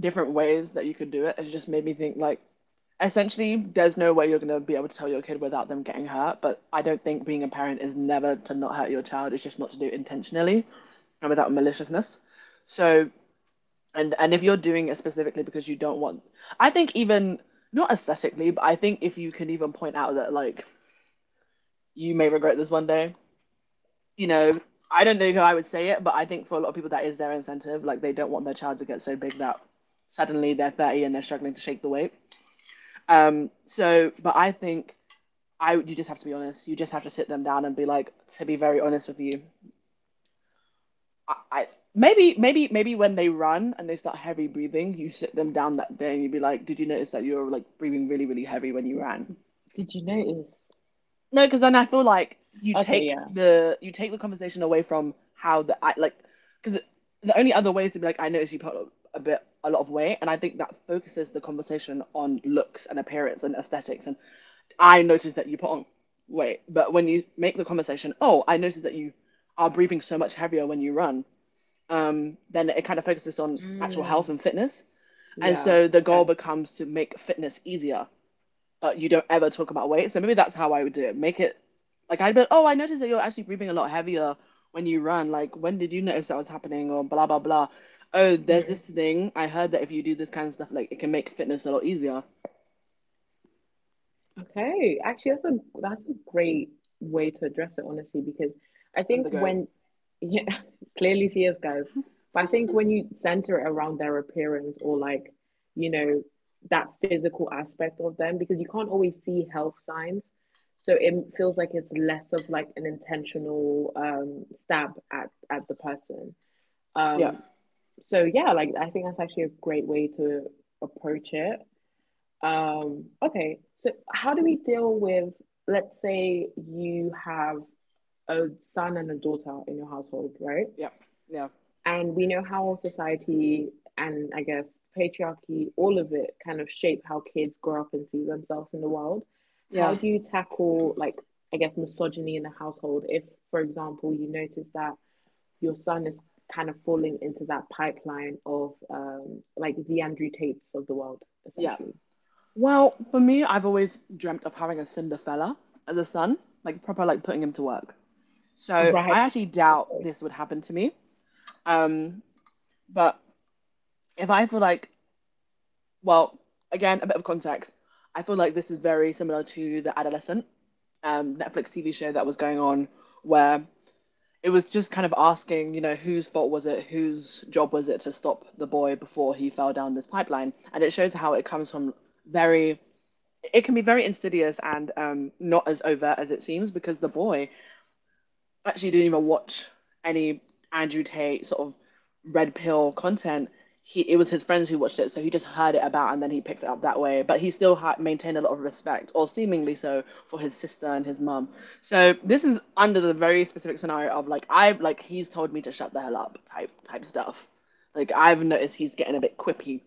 [SPEAKER 2] different ways that you could do it, it just made me think like essentially there's no way you're going to be able to tell your kid without them getting hurt, but I don't think being a parent is never to not hurt your child, it's just not to do it intentionally and without maliciousness. So, and if you're doing it specifically because you don't want, I think, even not aesthetically, but I think if you can even point out that like you may regret this one day. You know, I don't know how I would say it, but I think for a lot of people that is their incentive. Like they don't want their child to get so big that suddenly they're 30 and they're struggling to shake the weight. So, but I think I you just have to be honest. You just have to sit them down and be like, to be very honest with you, I maybe when they run and they start heavy breathing, you sit them down that day and you'd be like, did you notice that you were like breathing really, really heavy when you ran?
[SPEAKER 1] Did you notice?
[SPEAKER 2] No, because then I feel like
[SPEAKER 1] Okay, yeah.
[SPEAKER 2] you take the conversation away from how the I like because the only other way is to be like, I noticed you put a lot of weight, and I think that focuses the conversation on looks and appearance and aesthetics. And I noticed that you put on weight, but when you make the conversation, oh, I noticed that you are breathing so much heavier when you run. Then it kind of focuses on actual health
[SPEAKER 1] Mm,
[SPEAKER 2] and fitness, and
[SPEAKER 1] yeah.
[SPEAKER 2] so the goal
[SPEAKER 1] Okay.
[SPEAKER 2] becomes to make fitness easier, but you don't ever talk about weight. So maybe that's how I would do it. Make it like I'd be like, oh, I noticed that you're actually breathing a lot heavier when you run. Like, when did you notice that was happening? Or blah, blah, blah. Oh, there's this thing. I heard that if you do this kind of stuff, like, it can make fitness a lot easier.
[SPEAKER 1] Okay, actually, that's a great way to address it, honestly, because I
[SPEAKER 2] I'm
[SPEAKER 1] think
[SPEAKER 2] the goat.
[SPEAKER 1] when yeah, [LAUGHS] clearly she is, guys, but I think when you center it around their appearance or like, you know, that physical aspect of them, because you can't always see health signs, so it feels like it's less of like an intentional stab at the person.
[SPEAKER 2] Yeah,
[SPEAKER 1] Um, so yeah, like I think that's actually a great way to approach it. Okay, so how do we deal with, let's say you have a son and a daughter in your household, right?
[SPEAKER 2] yeah, yeah,
[SPEAKER 1] And we know how society and I guess patriarchy, all of it kind of shape how kids grow up and see themselves in the world. How
[SPEAKER 2] yeah,
[SPEAKER 1] do you tackle, like, I guess, misogyny in the household if, for example, you notice that your son is kind of falling into that pipeline of like the Andrew Tates of the world,
[SPEAKER 2] yeah.
[SPEAKER 1] essentially?
[SPEAKER 2] Well, for me, I've always dreamt of having a Cinderfella as a son, like, proper, like, putting him to work. So
[SPEAKER 1] Right.
[SPEAKER 2] I actually doubt
[SPEAKER 1] Okay.
[SPEAKER 2] this would happen to me. Um, but if I feel like well, again, a bit of context. I feel like this is very similar to the adolescent Netflix TV show that was going on, where it was just kind of asking, whose fault was it? Whose job was it to stop the boy before he fell down this pipeline? And it shows how it comes from very. It can be very insidious and not as overt as it seems because the boy actually didn't even watch any Andrew Tate sort of red pill content. He It was his friends who watched it, so he just heard it about and then he picked it up that way. But he still had maintained a lot of respect, or seemingly so, for his sister and his mum. So this is under the very specific scenario of like he's told me to shut the hell up type stuff. Like I've noticed he's getting a bit quippy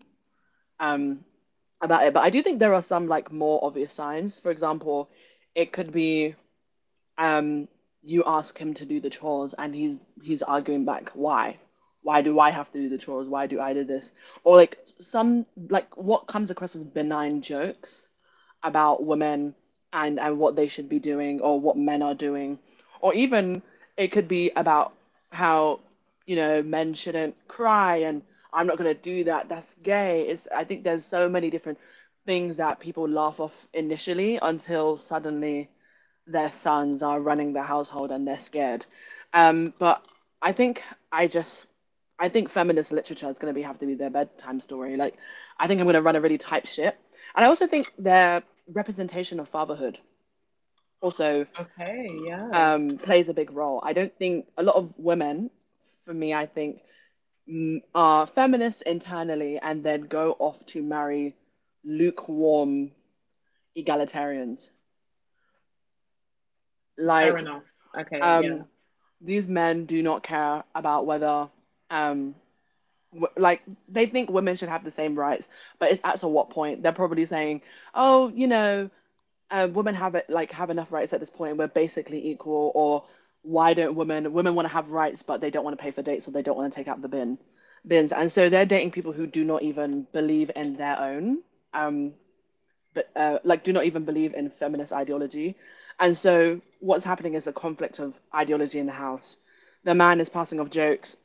[SPEAKER 2] about it, but I do think there are some like more obvious signs. For example, it could be um, you ask him to do the chores and he's arguing back why do I have to do the chores, why do I do this? Or like some like what comes across as benign jokes about women and what they should be doing or what men are doing, or even it could be about how, you know, men shouldn't cry and I'm not going to do that, that's gay. It's I think there's so many different things that people laugh off initially until suddenly their sons are running the household and they're scared. But I think I just I think feminist literature is going to be have to be their bedtime story. Like I think I'm going to run a really tight ship, and I also think their representation of fatherhood also
[SPEAKER 1] Okay, yeah.
[SPEAKER 2] plays a big role. I don't think a lot of women, for me, I think are feminists internally and then go off to marry lukewarm egalitarians.
[SPEAKER 1] Fair
[SPEAKER 2] Like
[SPEAKER 1] enough. Okay, yeah.
[SPEAKER 2] um, these men do not care about whether um like they think women should have the same rights, but it's at to what point. They're probably saying, oh, you know, women have it like have enough rights at this point, we're basically equal. Or why don't women want to have rights but they don't want to pay for dates or they don't want to take out the bins. And so they're dating people who do not even believe in their own, but like do not even believe in feminist ideology. And so what's happening is a conflict of ideology in the house. The man is passing off jokes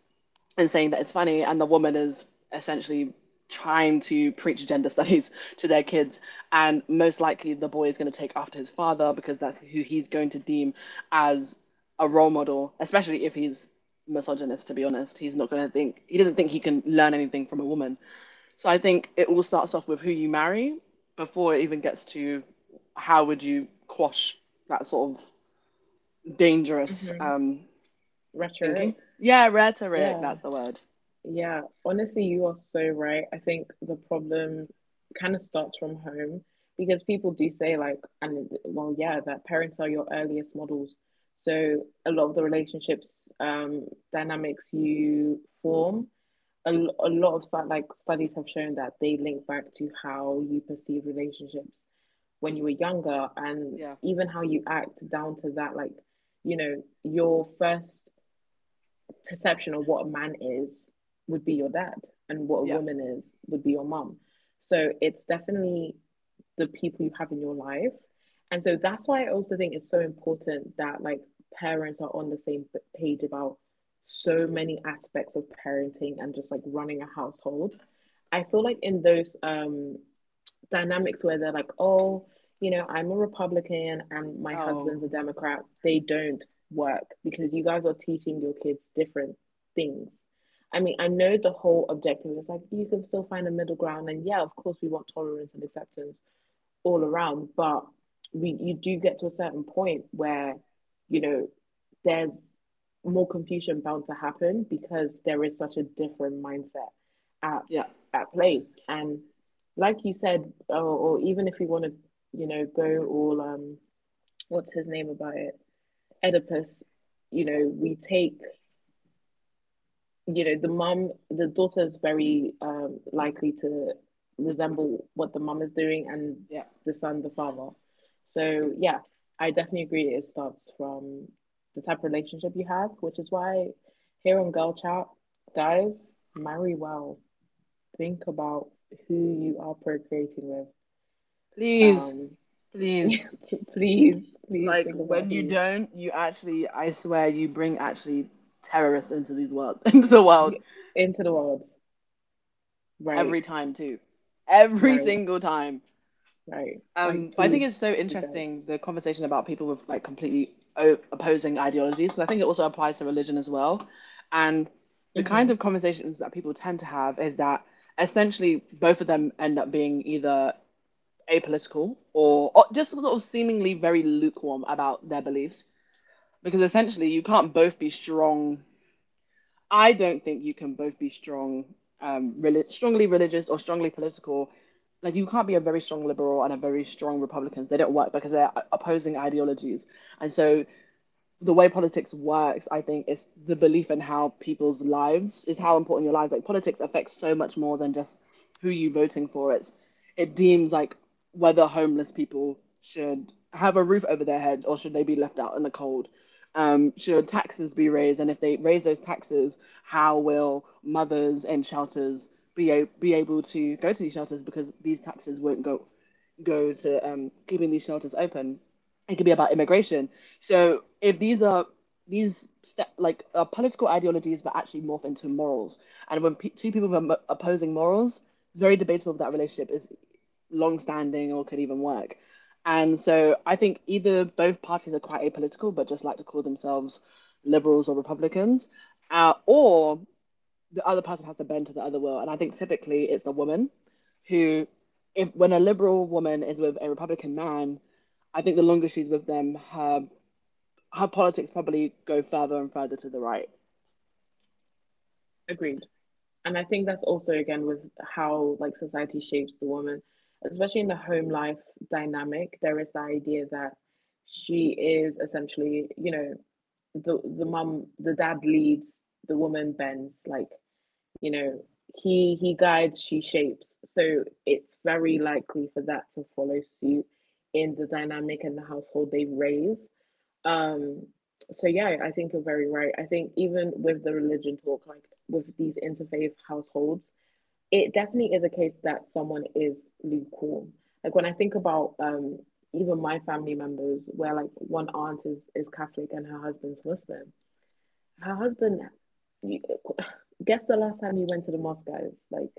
[SPEAKER 2] and saying that it's funny, and the woman is essentially trying to preach gender [LAUGHS] studies to their kids, and most likely the boy is going to take after his father because that's who he's going to deem as a role model, especially if he's misogynist, to be honest. He's not going to think he doesn't think he can learn anything from a woman. So I think it all starts off with who you marry before it even gets to how would you quash that sort of dangerous
[SPEAKER 1] Hmm,
[SPEAKER 2] thinking
[SPEAKER 1] rhetoric.
[SPEAKER 2] yeah, rhetoric,
[SPEAKER 1] Yeah,
[SPEAKER 2] that's the word.
[SPEAKER 1] yeah. Honestly, you are so right. I think the problem kind of starts from home because people do say, like, and well, yeah, that parents are your earliest models. So a lot of the relationships, dynamics you form, a, l- a lot of stu- like studies have shown that they link back to how you perceive relationships when you were younger, and
[SPEAKER 2] Yeah,
[SPEAKER 1] even how you act down to that, like, your first perception of what a man is would be your dad, and what a
[SPEAKER 2] yeah.
[SPEAKER 1] woman is would be your mum. So it's definitely the people you have in your life, and so that's why I also think it's so important that, like, parents are on the same page about so many aspects of parenting and just, like, running a household. I feel like in those dynamics where they're like, oh, I'm a Republican and my
[SPEAKER 2] Oh,
[SPEAKER 1] husband's a Democrat. They don't work because you guys are teaching your kids different things. I mean, I know the whole objective is, like, you can still find a middle ground, and, yeah, of course, we want tolerance and acceptance all around, but we you do get to a certain point where, you know, there's more confusion bound to happen because there is such a different mindset at
[SPEAKER 2] yeah,
[SPEAKER 1] at place. And like you said, or even if you want to, go all what's his name about it, Oedipus. You know, we take, the mum, the daughter is very likely to resemble what the mum is doing, and
[SPEAKER 2] yeah.
[SPEAKER 1] the son, the father. So yeah, I definitely agree it starts from the type of relationship you have, which is why here on Girl Chat, guys, marry well. Think about who you are procreating with.
[SPEAKER 2] Please,
[SPEAKER 1] um [LAUGHS]
[SPEAKER 2] please.
[SPEAKER 1] yeah, please
[SPEAKER 2] Like
[SPEAKER 1] think about
[SPEAKER 2] when you
[SPEAKER 1] who
[SPEAKER 2] don't, you actually, I swear, you bring actually terrorists into these world, [LAUGHS] into the world
[SPEAKER 1] you, into the world.
[SPEAKER 2] every
[SPEAKER 1] Right,
[SPEAKER 2] time too, every
[SPEAKER 1] right,
[SPEAKER 2] single time.
[SPEAKER 1] right. Like,
[SPEAKER 2] But I think
[SPEAKER 1] please
[SPEAKER 2] it's so
[SPEAKER 1] please guys.
[SPEAKER 2] interesting the conversation about people with like completely opposing ideologies, and I think it also applies to religion as well. And the kind
[SPEAKER 1] Hmm.
[SPEAKER 2] of conversations that people tend to have is that essentially both of them end up being either apolitical, or just sort of seemingly very lukewarm about their beliefs, because essentially you can't both be strong. I don't think you can both be strong, strongly religious or strongly political. Like you can't be a very strong liberal and a very strong Republicans. They don't work because they're opposing ideologies, and so the way politics works, I think, is the belief in how people's lives is how important your lives. Like politics affects so much more than just who you voting for. It deems like whether homeless people should have a roof over their head or should they be left out in the cold. Should taxes be raised, and if they raise those taxes, how will mothers in shelters be able to go to these shelters because these taxes won't go to keeping these shelters open. It could be about immigration. So if these are these like political ideologies, but actually morph into morals, and when pe two people are opposing morals, it's very debatable if that relationship is long-standing or could even work. And so I think either both parties are quite apolitical, but just like to call themselves liberals or Republicans, or the other person has to bend to the other will. And I think typically it's the woman who, if, when a liberal woman is with a Republican man, I think the longer she's with them, her politics probably go further and further to the right.
[SPEAKER 1] Agreed. And I think that's also again with how, like, society shapes the woman, especially in the home life dynamic. There is the idea that she is essentially, the mum, the dad leads, the woman bends, like, you know, he guides, she shapes. So it's very likely for that to follow suit in the dynamic and the household they've raised. Um, so yeah, I think you're very right. I think even with the religion talk, like with these interfaith households, it definitely is a case that someone is lukewarm. Like, when I think about even my family members, where, like, one aunt is Catholic and her husband's Muslim, her husband, you, [SIGHS] guess the last time he went to the mosque, guys, like,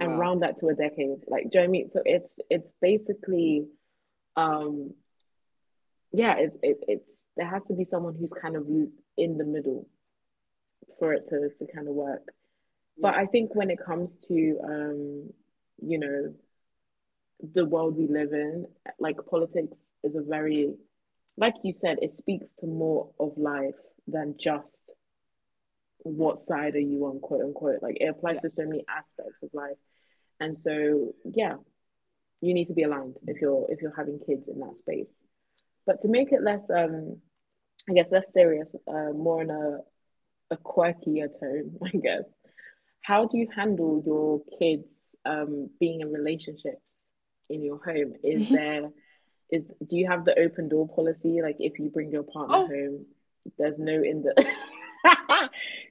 [SPEAKER 1] and round that to a decade. Like, do you know what I mean? So it's basically um yeah, it's there has to be someone who's kind of in the middle for it to kind of work. But
[SPEAKER 2] Yeah.
[SPEAKER 1] I think when it comes to, you know, the world we live in, like politics is a very, like you said, it speaks to more of life than just what side are you on, quote unquote. Like, it
[SPEAKER 2] Yeah.
[SPEAKER 1] applies to so many aspects of life, and so yeah, you need to be aligned if you're having kids in that space. But to make it less, I guess, less serious, more on a quirkier tone, [LAUGHS] I guess. How do you handle your kids, being in relationships in your home? Is
[SPEAKER 2] Mm-hmm.
[SPEAKER 1] there is Do you have the open door policy? Like, if you bring your partner
[SPEAKER 2] Oh.
[SPEAKER 1] home, there's no in the [LAUGHS]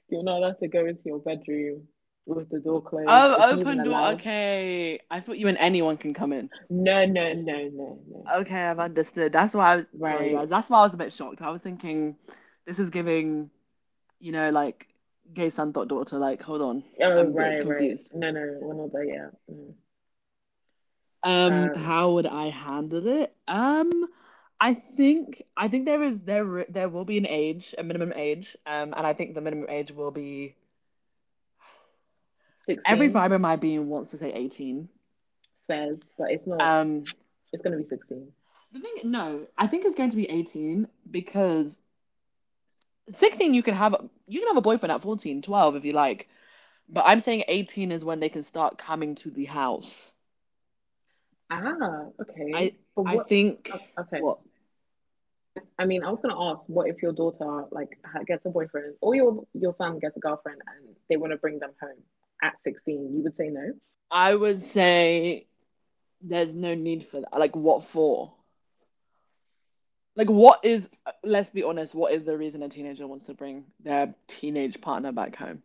[SPEAKER 1] you're not allowed to go into your bedroom with the door closed. It's
[SPEAKER 2] Oh,
[SPEAKER 1] even
[SPEAKER 2] open door.
[SPEAKER 1] allowed.
[SPEAKER 2] Okay. I thought you and anyone can come in.
[SPEAKER 1] No, no, no, no, no.
[SPEAKER 2] Okay, I've understood. That's why I was sorry,
[SPEAKER 1] Right.
[SPEAKER 2] guys. That's why I was a bit shocked. I was thinking this is giving, you know, like gay son thought daughter. Like, hold on,
[SPEAKER 1] Oh,
[SPEAKER 2] I'm a bit
[SPEAKER 1] right, right.
[SPEAKER 2] confused.
[SPEAKER 1] No, no, we're not there yet. No. Um,
[SPEAKER 2] How would I handle it? I think there is there will be an age, a minimum age, and I think the minimum age will be every
[SPEAKER 1] 16
[SPEAKER 2] fiber in my being wants to say 18.
[SPEAKER 1] Fez, but it's not.
[SPEAKER 2] Um,
[SPEAKER 1] It's gonna be 16.
[SPEAKER 2] the thing, no, I think it's going to be 18 because 16 you can have a boyfriend at 14, 12 if you like, but I'm saying 18 is when they can start coming to the house.
[SPEAKER 1] Ah, okay.
[SPEAKER 2] I
[SPEAKER 1] But
[SPEAKER 2] I
[SPEAKER 1] what?
[SPEAKER 2] think
[SPEAKER 1] Okay.
[SPEAKER 2] what
[SPEAKER 1] I mean, I was gonna ask, what if your daughter, like, gets a boyfriend, or your son gets a girlfriend and they want to bring them home at 16? You would say no.
[SPEAKER 2] I would say there's no need for that. Like, what for? Like, what is, let's be honest, what is the reason a teenager wants to bring their teenage partner back home?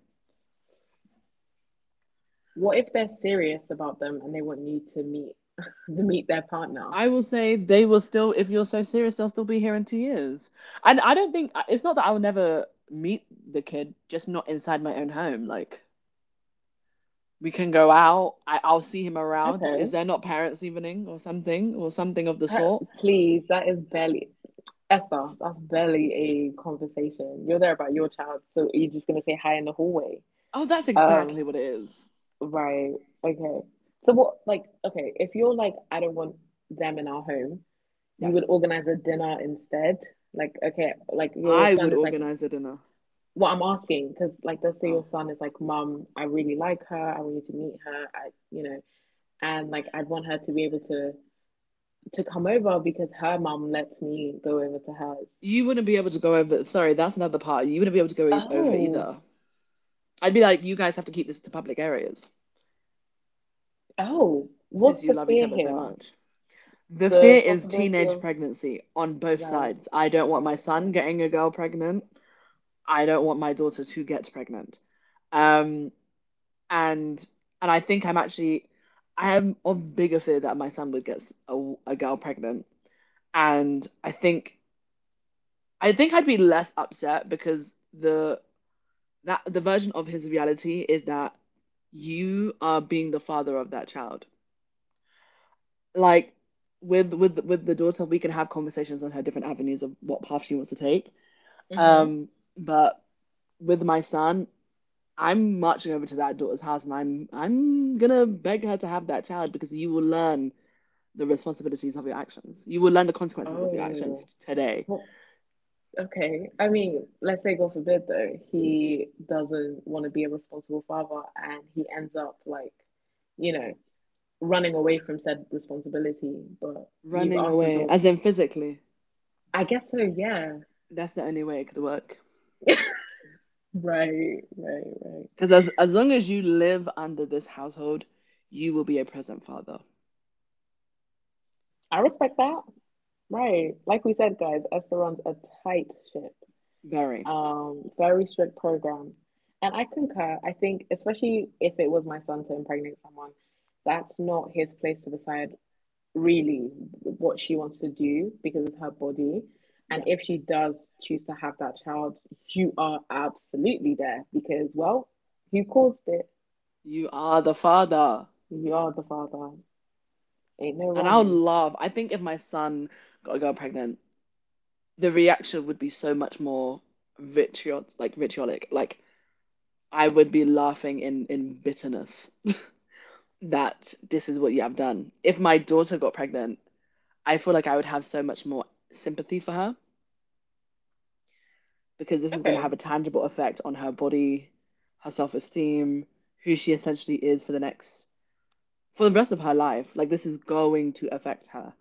[SPEAKER 1] What if they're serious about them and they want you to meet [LAUGHS] to meet their partner?
[SPEAKER 2] I will say they will still, if you're so serious, they'll still be here in 2 years. And I don't think, it's not that I'll never meet the kid, just not inside my own home. Like, we can go out, I'll see him around. Is
[SPEAKER 1] Okay.
[SPEAKER 2] there not parents' evening or something of the
[SPEAKER 1] Ha-
[SPEAKER 2] sort?
[SPEAKER 1] Please, that is barely Essa, that's barely a conversation. You're there about your child, so are you just gonna say hi in the hallway?
[SPEAKER 2] Oh, that's exactly
[SPEAKER 1] Um,
[SPEAKER 2] what it is.
[SPEAKER 1] Right. Okay. So what, like, okay, if you're like, I don't want them in our home, you
[SPEAKER 2] Yes.
[SPEAKER 1] would organize a dinner instead. Like, okay, like your
[SPEAKER 2] I would
[SPEAKER 1] son is like,
[SPEAKER 2] organize a dinner.
[SPEAKER 1] what I'm asking, because, like, let's say your
[SPEAKER 2] Oh.
[SPEAKER 1] son is like, Mom, I really like her. I want you to meet her. You know, and like, I'd want her to be able to come over because her mom lets me go over to hers.
[SPEAKER 2] You wouldn't be able to go over. Sorry, that's another part. You wouldn't be able to go over
[SPEAKER 1] Oh,
[SPEAKER 2] either. I'd be like, you guys have to keep this to public areas
[SPEAKER 1] oh, what's
[SPEAKER 2] since you
[SPEAKER 1] the
[SPEAKER 2] love each
[SPEAKER 1] fear
[SPEAKER 2] other so
[SPEAKER 1] here?
[SPEAKER 2] much. The fear
[SPEAKER 1] The
[SPEAKER 2] is
[SPEAKER 1] possibility
[SPEAKER 2] teenage
[SPEAKER 1] of,
[SPEAKER 2] pregnancy on both
[SPEAKER 1] right,
[SPEAKER 2] sides. I don't want my
[SPEAKER 1] right,
[SPEAKER 2] son
[SPEAKER 1] right.
[SPEAKER 2] getting a girl pregnant. I don't want my daughter to get pregnant. Um, and I think I'm actually I am of bigger fear that my son would get a girl pregnant. And I think I'd be less upset because the version of his reality is that you are being the father of that child. Like with with the daughter we can have conversations on her different avenues of what path she wants to take,
[SPEAKER 1] Mm-hmm.
[SPEAKER 2] um but with my son I'm marching over to that daughter's house and I'm gonna beg her to have that child, because you will learn the responsibilities of your actions, you will learn the consequences of your actions
[SPEAKER 1] Oh.
[SPEAKER 2] today.
[SPEAKER 1] Well, okay. I mean, let's say, God forbid, though, he doesn't want to be a responsible father and he ends up, like, you know, running away from said responsibility, but you've
[SPEAKER 2] Running
[SPEAKER 1] asked the
[SPEAKER 2] away
[SPEAKER 1] daughter.
[SPEAKER 2] as in physically,
[SPEAKER 1] I guess so, yeah.
[SPEAKER 2] that's the only way it could work,
[SPEAKER 1] Right, right, right.
[SPEAKER 2] because as long as you live under this household you will be a present father.
[SPEAKER 1] I respect that. Right. Like we said, guys, Esther runs a tight ship,
[SPEAKER 2] Very.
[SPEAKER 1] very strict program. And I concur. I think, especially if it was my son to impregnate someone, that's not his place to decide really what she wants to do because it's her body. And
[SPEAKER 2] Yeah.
[SPEAKER 1] if she does choose to have that child, you are absolutely there because, well, you caused it.
[SPEAKER 2] You are the father.
[SPEAKER 1] You are the father. Ain't no
[SPEAKER 2] And I would
[SPEAKER 1] running.
[SPEAKER 2] love, I think if my son got a girl pregnant, the reaction would be so much more vitriolic. Like I would be laughing in bitterness [LAUGHS] that this is what you have done. If my daughter got pregnant, I feel like I would have so much more sympathy for her, because this is going to
[SPEAKER 1] Okay.
[SPEAKER 2] have a tangible effect on her body, her self-esteem, who she essentially is for the next for the rest of her life. Like this is going to affect her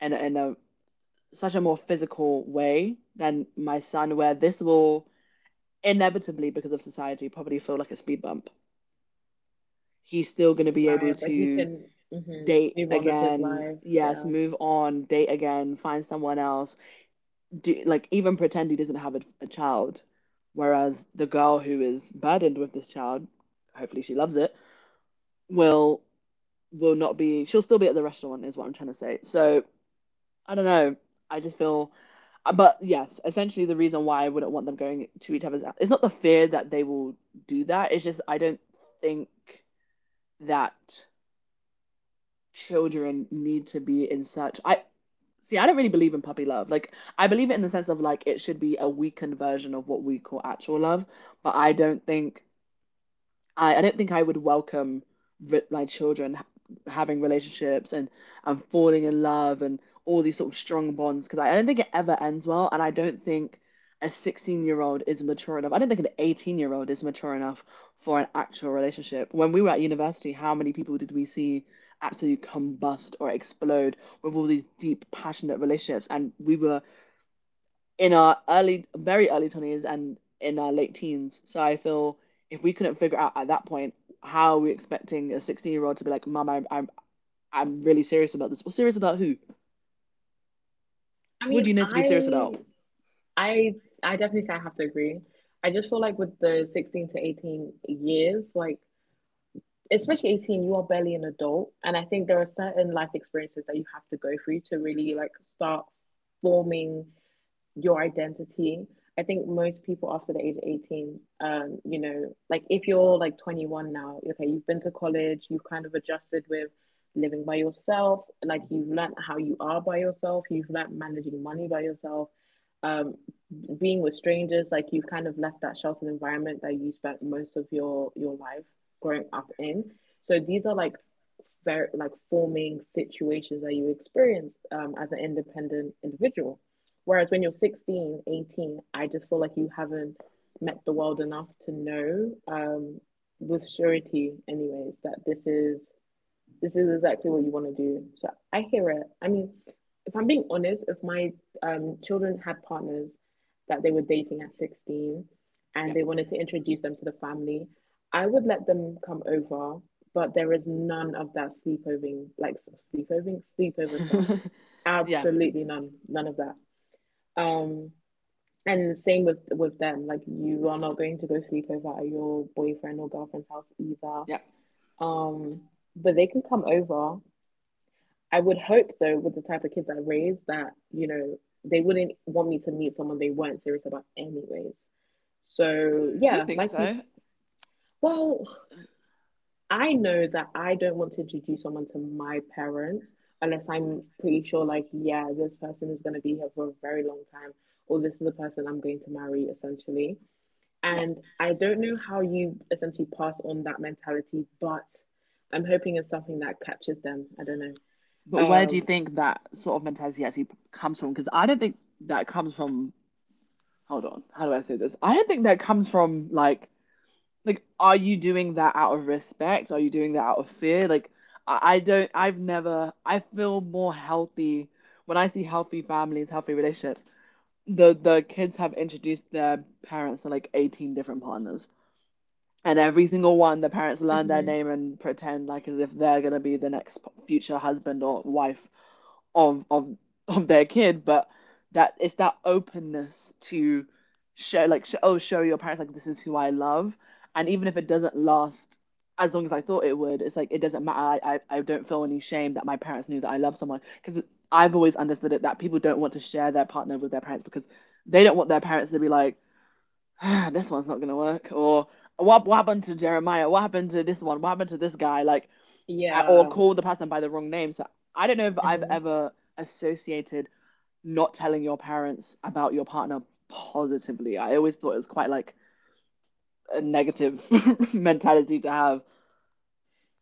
[SPEAKER 2] in in a such a more physical way than my son, where this will inevitably, because of society, probably feel like a speed bump. He's still going to be
[SPEAKER 1] Right.
[SPEAKER 2] able
[SPEAKER 1] But he
[SPEAKER 2] to
[SPEAKER 1] can, mhm,
[SPEAKER 2] date
[SPEAKER 1] move on with his
[SPEAKER 2] again,
[SPEAKER 1] life.
[SPEAKER 2] yes,
[SPEAKER 1] Yeah.
[SPEAKER 2] move on, date again, find someone else, do, like even pretend he doesn't have a child. Whereas the girl who is burdened with this child, hopefully she loves it, will will not be. She'll still be at the restaurant, is what I'm trying to say. So I don't know. I just feel, but yes, essentially the reason why I wouldn't want them going to each other's it's not the fear that they will do that. It's just I don't think that children need to be in such. I see. I don't really believe in puppy love. Like I believe it in the sense of like it should be a weakened version of what we call actual love, but I don't think I would welcome my children having relationships and falling in love and all these sort of strong bonds because I don't think it ever ends well. And I don't think a 16-year-old is mature enough. I don't think an 18-year-old is mature enough for an actual relationship. When we were at university, how many people did we see absolutely combust or explode with all these deep, passionate relationships? And we were in our early, very early 20s and in our late teens. So I feel if we couldn't figure out at that point, how are we expecting a 16-year-old to be like, Mom, I'm really serious about this? Well, serious about who?
[SPEAKER 1] I
[SPEAKER 2] What
[SPEAKER 1] mean,
[SPEAKER 2] do you need to be serious about?
[SPEAKER 1] I, I definitely say I have to agree. I just feel like with the 16 to 18 years, like, especially 18, you are barely an adult. And I think there are certain life experiences that you have to go through to really, like, start forming your identity. I think most people after the age of 18, like if you're like 21 now, okay, you've been to college, you've kind of adjusted with living by yourself, like you've learned how you are by yourself, you've learned managing money by yourself, um, being with strangers, like you've kind of left that sheltered environment that you spent most of your life growing up in. So these are, like, very, like, forming situations that you experience, as an independent individual. Whereas when you're 16, 18, I just feel like you haven't met the world enough to know, with surety, anyways, that this is exactly what you want to do. So I hear it. I mean, if I'm being honest, if my children had partners that they were dating at 16 and
[SPEAKER 2] Yeah.
[SPEAKER 1] they wanted to introduce them to the family, I would let them come over, but there is none of that sleepoving, like, sleepoving, sleepover stuff.
[SPEAKER 2] [LAUGHS] Yeah.
[SPEAKER 1] Absolutely none, none of that. Um, and same with them, like you are not going to go sleep over at your boyfriend or girlfriend's house either.
[SPEAKER 2] Yeah.
[SPEAKER 1] Um, but they can come over. I would hope though, with the type of kids I raise, that, they wouldn't want me to meet someone they weren't serious about anyways. So
[SPEAKER 2] Do you
[SPEAKER 1] yeah,
[SPEAKER 2] think so?
[SPEAKER 1] well, I know that I don't want to introduce someone to my parents unless I'm pretty sure, like, yeah, this person is going to be here for a very long time, or this is the person I'm going to marry, essentially.
[SPEAKER 2] Yeah.
[SPEAKER 1] And I don't know how you essentially pass on that mentality, but I'm hoping it's something that catches them. I don't know.
[SPEAKER 2] But where do you
[SPEAKER 1] Um,
[SPEAKER 2] think that sort of mentality actually comes from? Because I don't think that comes from. Hold on. How do I say this? I don't think that comes from like. Like, are you doing that out of respect? Are you doing that out of fear? Like, I don't, I've never, I feel more healthy when I see healthy families, healthy relationships. The kids have introduced their parents to like 18 different partners, and every single one, the parents learn their
[SPEAKER 1] Mm-hmm.
[SPEAKER 2] name and pretend like as if they're gonna be the next future husband or wife of of of their kid, but that it's that openness to show like show your parents like this is who I love, and even if it doesn't last as long as I thought it would, it's like it doesn't matter. I don't feel any shame that my parents knew that I love someone because I've always understood it that people don't want to share their partner with their parents because they don't want their parents to be like ah, this one's not gonna work or what happened to Jeremiah? What happened to this one? What happened to this guy? Like or
[SPEAKER 1] Yeah.
[SPEAKER 2] call the person by the wrong name. So I don't know if I've
[SPEAKER 1] Do
[SPEAKER 2] ever associated not telling your parents about your partner positively. I always thought it was quite like a negative [LAUGHS] mentality to have.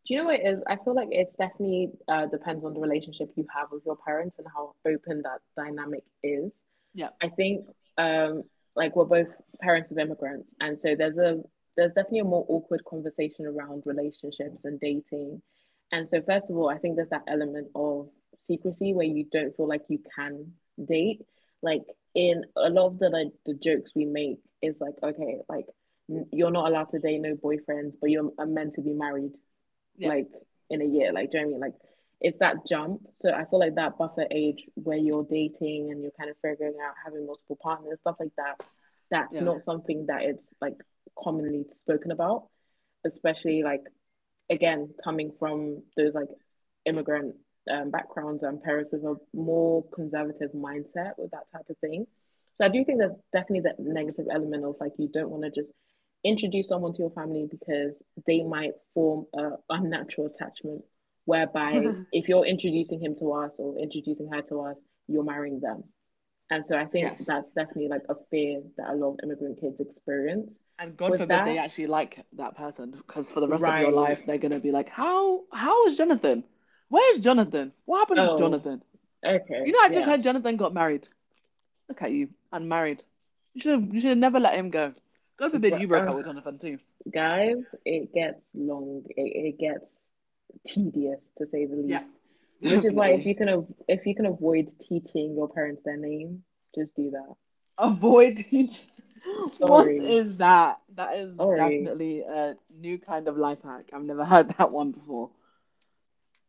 [SPEAKER 1] you know what it is? I feel like it's definitely, depends on the relationship you have with your parents and how open that dynamic is.
[SPEAKER 2] Yeah,
[SPEAKER 1] I think, um, like, we're both parents of immigrants, and so there's definitely a more awkward conversation around relationships and dating. And so, first of all, I think there's that element of secrecy where you don't feel like you can date. Like, in a lot of the jokes we make is like, okay, like, you're not allowed to date no boyfriends, but you are meant to be married
[SPEAKER 2] yeah,
[SPEAKER 1] like in a year. Like, do you know what I mean? Like, it's that jump. So I feel like that buffer age where you're dating and you're kind of figuring out having multiple partners, stuff like that, that's
[SPEAKER 2] yeah.
[SPEAKER 1] not something that it's, like, commonly spoken about, especially like, again, coming from those like immigrant, backgrounds and parents with a more conservative mindset with that type of thing. So I do think there's definitely that negative element of, like, you don't want to just introduce someone to your family because they might form a unnatural attachment whereby
[SPEAKER 2] [LAUGHS]
[SPEAKER 1] if you're introducing him to us or introducing her to us, you're marrying them. And so I think
[SPEAKER 2] Yes.
[SPEAKER 1] that's definitely like a fear that a lot of immigrant kids experience
[SPEAKER 2] And God
[SPEAKER 1] with
[SPEAKER 2] forbid they
[SPEAKER 1] that.
[SPEAKER 2] actually like that person because for the rest of your
[SPEAKER 1] Right.
[SPEAKER 2] life they're gonna be like, how is Jonathan? Where's Jonathan? What happened to
[SPEAKER 1] Oh,
[SPEAKER 2] Jonathan?
[SPEAKER 1] okay.
[SPEAKER 2] You know, I just heard
[SPEAKER 1] Yes.
[SPEAKER 2] Jonathan got married. Look at you, unmarried. You should have never let him go. God forbid
[SPEAKER 1] But,
[SPEAKER 2] you broke up
[SPEAKER 1] uh,
[SPEAKER 2] with Jonathan too.
[SPEAKER 1] guys, it gets long. It gets tedious to say the
[SPEAKER 2] Yeah,
[SPEAKER 1] least.
[SPEAKER 2] [LAUGHS]
[SPEAKER 1] Which is why if
[SPEAKER 2] definitely.
[SPEAKER 1] you can if you can avoid teaching your parents their name, just do that.
[SPEAKER 2] Avoid teach. [LAUGHS] What
[SPEAKER 1] Sorry.
[SPEAKER 2] is that? That is
[SPEAKER 1] Sorry.
[SPEAKER 2] definitely a new kind of life hack. I've never heard that one before.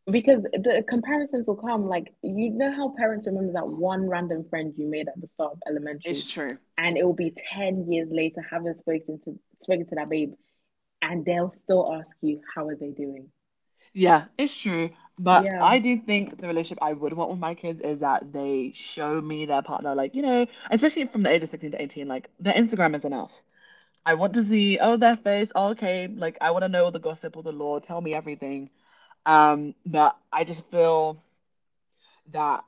[SPEAKER 1] Because the comparisons will come. Like, you know how parents remember that one random friend you made at the start of elementary,
[SPEAKER 2] It's true.
[SPEAKER 1] and it will be 10 years later having spoken to that babe, and they'll still ask you, how are they doing?
[SPEAKER 2] Yeah, it's true. But
[SPEAKER 1] Yeah.
[SPEAKER 2] I do think the relationship I would want with my kids is that they show me their partner, like, you know, especially from the age of 16 to 18, like, their Instagram is enough. I want to see, oh, their face, oh, okay, like, I want to know all the gossip, all the lore, tell me everything. But I just feel that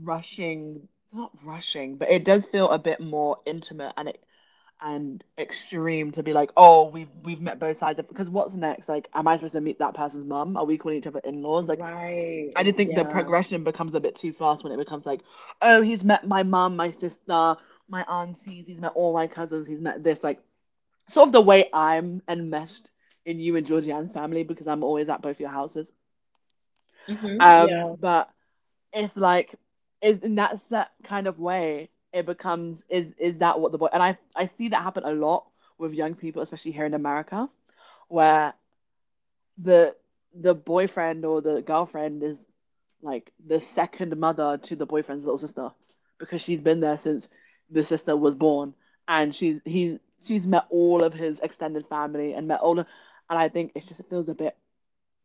[SPEAKER 2] rushing, not rushing, but it does feel a bit more intimate and it and extreme to be like, oh, we've met both sides of because what's next? Like, am I supposed to meet that person's mum? Are we calling each other in-laws? Like, I
[SPEAKER 1] Right.
[SPEAKER 2] do think the
[SPEAKER 1] Yeah.
[SPEAKER 2] progression becomes a bit too fast when it becomes like, oh, he's met my mum, my sister, my aunties, he's met all my cousins, he's met this. Like, sort of the way I'm enmeshed in you and Georgianne's family because I'm always at both your houses.
[SPEAKER 1] hmm Yeah.
[SPEAKER 2] But it's like is in that set kind of way it becomes is that what the boy and I see that happen a lot with young people especially here in America where the the boyfriend or the girlfriend is like the second mother to the boyfriend's little sister because she's been there since the sister was born and she's met all of his extended family and met all of, and I think it just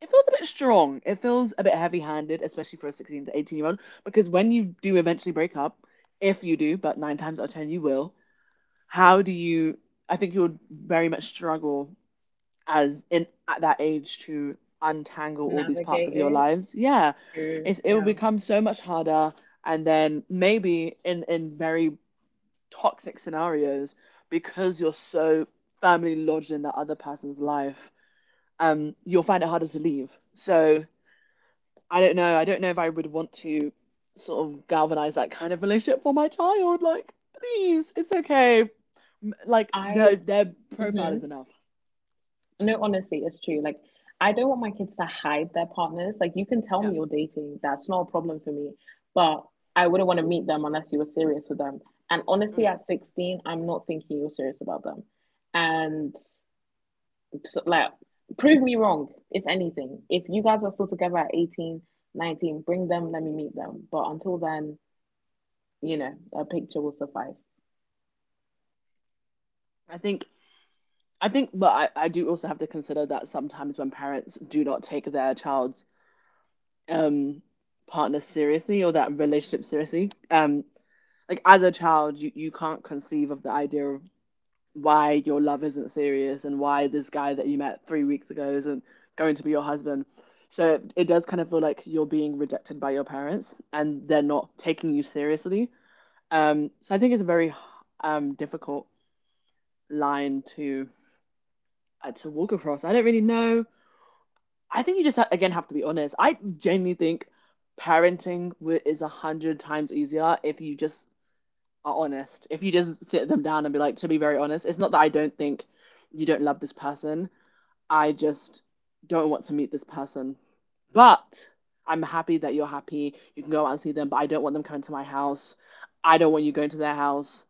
[SPEAKER 2] it feels a bit strong. It feels a bit heavy handed, especially for a 16 to 18 year old, because when you do eventually break up, if you do, but nine times out of 10 you will, how do you? I think you'll very much struggle as in at that age to untangle all these parts of
[SPEAKER 1] Navigate
[SPEAKER 2] your
[SPEAKER 1] it.
[SPEAKER 2] lives. Yeah, it's,
[SPEAKER 1] True.
[SPEAKER 2] it will
[SPEAKER 1] Yeah.
[SPEAKER 2] become so much harder. And then maybe in very toxic scenarios, because you're so firmly lodged in that other person's life, you'll find it harder to leave. So I don't know. I don't know if I would want to sort of galvanize that kind of relationship for my child. Like, please, it's okay. Like
[SPEAKER 1] I,
[SPEAKER 2] their profile is
[SPEAKER 1] hmm
[SPEAKER 2] enough.
[SPEAKER 1] No, honestly, it's true. Like, I don't want my kids to hide their partners. Like, you can tell
[SPEAKER 2] Yeah.
[SPEAKER 1] me you're dating. That's not a problem for me. But I wouldn't want to meet them unless you were serious with them. And honestly,
[SPEAKER 2] Okay.
[SPEAKER 1] at 16, I'm not thinking you're serious about them. And so, like, prove me wrong, if anything. If you guys are still together at 18, 19, bring them, let me meet them. But until then, you know, a picture will suffice.
[SPEAKER 2] I think I think, but I do also have to consider that sometimes when parents do not take their child's um partner seriously or that relationship seriously, like as a child, you can't conceive of the idea of why your love isn't serious and why this guy that you met 3 weeks ago isn't going to be your husband. So it does kind of feel like you're being rejected by your parents and they're not taking you seriously. So I think it's a very difficult line to walk across. I don't really know. I think you just again have to be honest. I genuinely think parenting is 100 times easier if you just are honest. If you just sit them down and be like, to be very honest, it's not that I don't think you don't love this person, I just don't want to meet this person. But I'm happy that you're happy. You can go out and see them, but I don't want them coming to my house. I don't want you going to their house.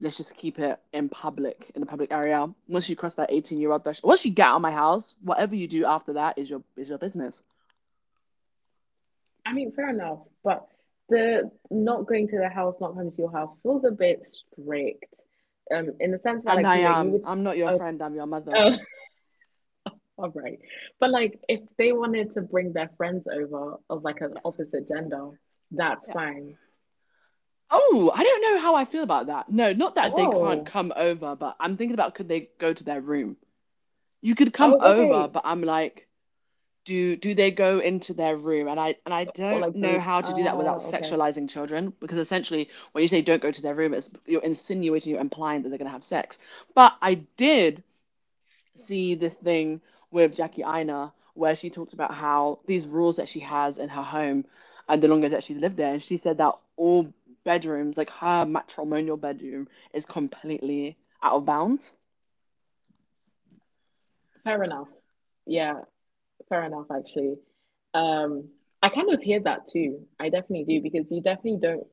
[SPEAKER 2] Let's just keep it in public, in the public area. Once you cross that 18-year-old threshold, once you get out of my house, whatever you do after that is your business.
[SPEAKER 1] I mean, fair enough, but the not going to the house, not coming to your house feels a bit strict. In the sense that,
[SPEAKER 2] And
[SPEAKER 1] like,
[SPEAKER 2] I
[SPEAKER 1] you know, you
[SPEAKER 2] am.
[SPEAKER 1] would.
[SPEAKER 2] I'm not your
[SPEAKER 1] Oh,
[SPEAKER 2] friend. I'm your mother.
[SPEAKER 1] oh, [LAUGHS] all right. But like, if they wanted to bring their friends over of like an
[SPEAKER 2] Yes.
[SPEAKER 1] opposite gender, that's
[SPEAKER 2] Yeah.
[SPEAKER 1] fine.
[SPEAKER 2] Oh, I don't know how I feel about that. No, not that they can't
[SPEAKER 1] Oh,
[SPEAKER 2] come over, but I'm thinking about could they go to their room? You could come
[SPEAKER 1] oh,
[SPEAKER 2] over,
[SPEAKER 1] okay.
[SPEAKER 2] but I'm like, do they go into their room? And I
[SPEAKER 1] Or
[SPEAKER 2] don't
[SPEAKER 1] like
[SPEAKER 2] know
[SPEAKER 1] the.
[SPEAKER 2] how to do that without
[SPEAKER 1] Oh, okay.
[SPEAKER 2] sexualizing children, because essentially when you say don't go to their room, it's you're insinuating, you're implying that they're going to have sex. But I did see this thing with jackie Aina, where she talked about how these rules that she has in her home, and the longer that she's lived there, and she said that all bedrooms, like her matrimonial bedroom, is completely out of bounds.
[SPEAKER 1] Fair enough. Yeah, fair enough. Actually, um, I kind of hear that too. I definitely do because you definitely don't.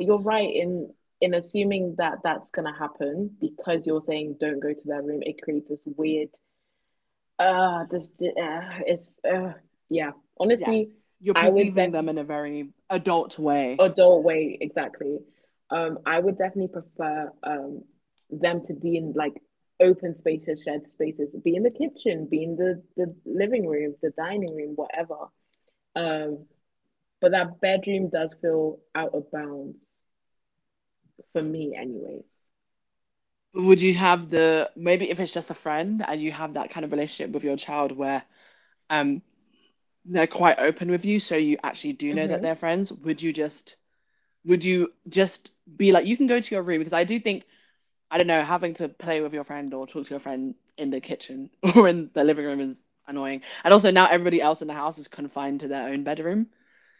[SPEAKER 1] You're right in assuming that that's going to happen because you're saying don't go to their room. It creates this weird, this it's yeah.
[SPEAKER 2] Yeah,
[SPEAKER 1] Honestly,
[SPEAKER 2] you're
[SPEAKER 1] I would
[SPEAKER 2] perceiving
[SPEAKER 1] def
[SPEAKER 2] them in a very adult way.
[SPEAKER 1] adult way exactly. I would definitely prefer them to be in like open spaces, shared spaces, be in the kitchen, be in the living room, the dining room, whatever. Um, but that bedroom does feel out of bounds for me, anyways.
[SPEAKER 2] Would you have the maybe if it's just a friend and you have that kind of relationship with your child where um they're quite open with you, so you actually do know that
[SPEAKER 1] Mm-hmm.
[SPEAKER 2] they're friends? Would you just be like you can go to your room? Because I do think, I don't know, having to play with your friend or talk to your friend in the kitchen [LAUGHS] or in the living room is annoying. And also now everybody else in the house is confined to their own bedroom,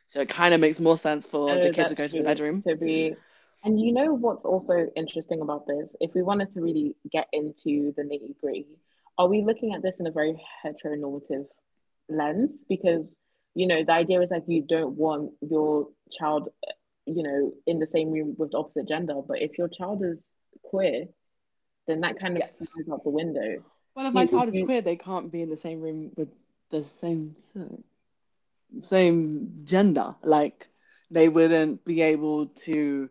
[SPEAKER 2] so it kind of makes more sense for the
[SPEAKER 1] Oh,
[SPEAKER 2] kid to
[SPEAKER 1] that's
[SPEAKER 2] go to the
[SPEAKER 1] true.
[SPEAKER 2] bedroom.
[SPEAKER 1] To be, and you know what's also interesting about this? If we wanted to really get into the nitty gritty, are we looking at this in a very heteronormative lens? Because, you know, the idea is like you don't want your child, you know, in the same room with the opposite gender. But if your child is queer, then that kind of
[SPEAKER 2] Yes.
[SPEAKER 1] flies out the window.
[SPEAKER 2] Well, if
[SPEAKER 1] Do
[SPEAKER 2] my
[SPEAKER 1] you, would
[SPEAKER 2] child is queer, they can't be in the same room with the same sex. Same gender. Like they wouldn't be able to.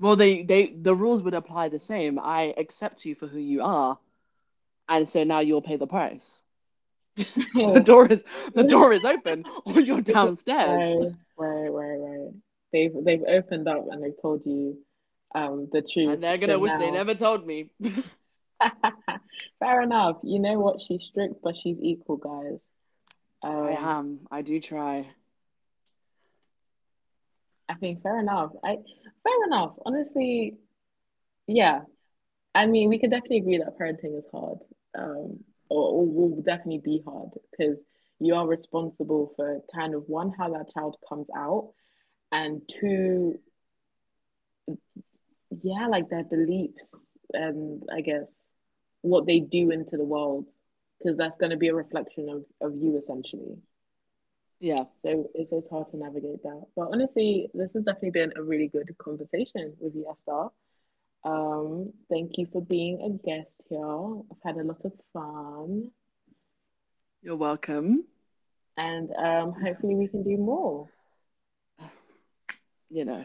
[SPEAKER 2] Well, they the rules would apply the same. I accept you for who you are, and so now you'll pay the price. [LAUGHS] The
[SPEAKER 1] you,
[SPEAKER 2] door is the
[SPEAKER 1] [LAUGHS]
[SPEAKER 2] door is open, or you're
[SPEAKER 1] Because-
[SPEAKER 2] downstairs,
[SPEAKER 1] Right, right, right, right. They've opened up and they've told you the
[SPEAKER 2] and
[SPEAKER 1] truth.
[SPEAKER 2] they're
[SPEAKER 1] So
[SPEAKER 2] gonna wish they
[SPEAKER 1] now
[SPEAKER 2] never told me.
[SPEAKER 1] [LAUGHS] fair enough. You know what? She's strict, but she's equal, guys.
[SPEAKER 2] I
[SPEAKER 1] Um,
[SPEAKER 2] am. I do try.
[SPEAKER 1] I think fair enough. I Fair enough. Honestly, yeah. I mean, we could definitely agree that parenting is hard. Um, or will definitely be hard because you are responsible for kind of one, how that child comes out, and two, yeah, like their beliefs and I guess what they do into the world, because that's going to be a reflection of you essentially.
[SPEAKER 2] Yeah,
[SPEAKER 1] So it's hard to navigate that. But honestly, this has definitely been a really good conversation with you, Esther. Thank you for being a guest here. I've had a lot of fun,
[SPEAKER 2] you're welcome.
[SPEAKER 1] and hopefully we can do more.
[SPEAKER 2] You know.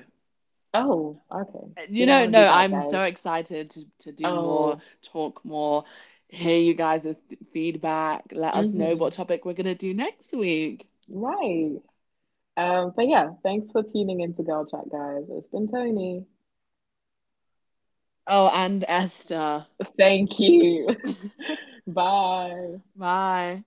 [SPEAKER 1] Oh, okay. So
[SPEAKER 2] You
[SPEAKER 1] you don't
[SPEAKER 2] know,
[SPEAKER 1] want to be
[SPEAKER 2] no,
[SPEAKER 1] back,
[SPEAKER 2] I'm
[SPEAKER 1] guys.
[SPEAKER 2] so excited to do more,
[SPEAKER 1] Oh,
[SPEAKER 2] talk more, hear you guys' feedback. Let us know what
[SPEAKER 1] mm-hmm.
[SPEAKER 2] topic we're going to do next week.
[SPEAKER 1] Right. But yeah, thanks for tuning into Girl Chat, guys. It's been Tony.
[SPEAKER 2] Oh, and Esther.
[SPEAKER 1] Thank you.
[SPEAKER 2] [LAUGHS]
[SPEAKER 1] [LAUGHS] Bye.
[SPEAKER 2] My.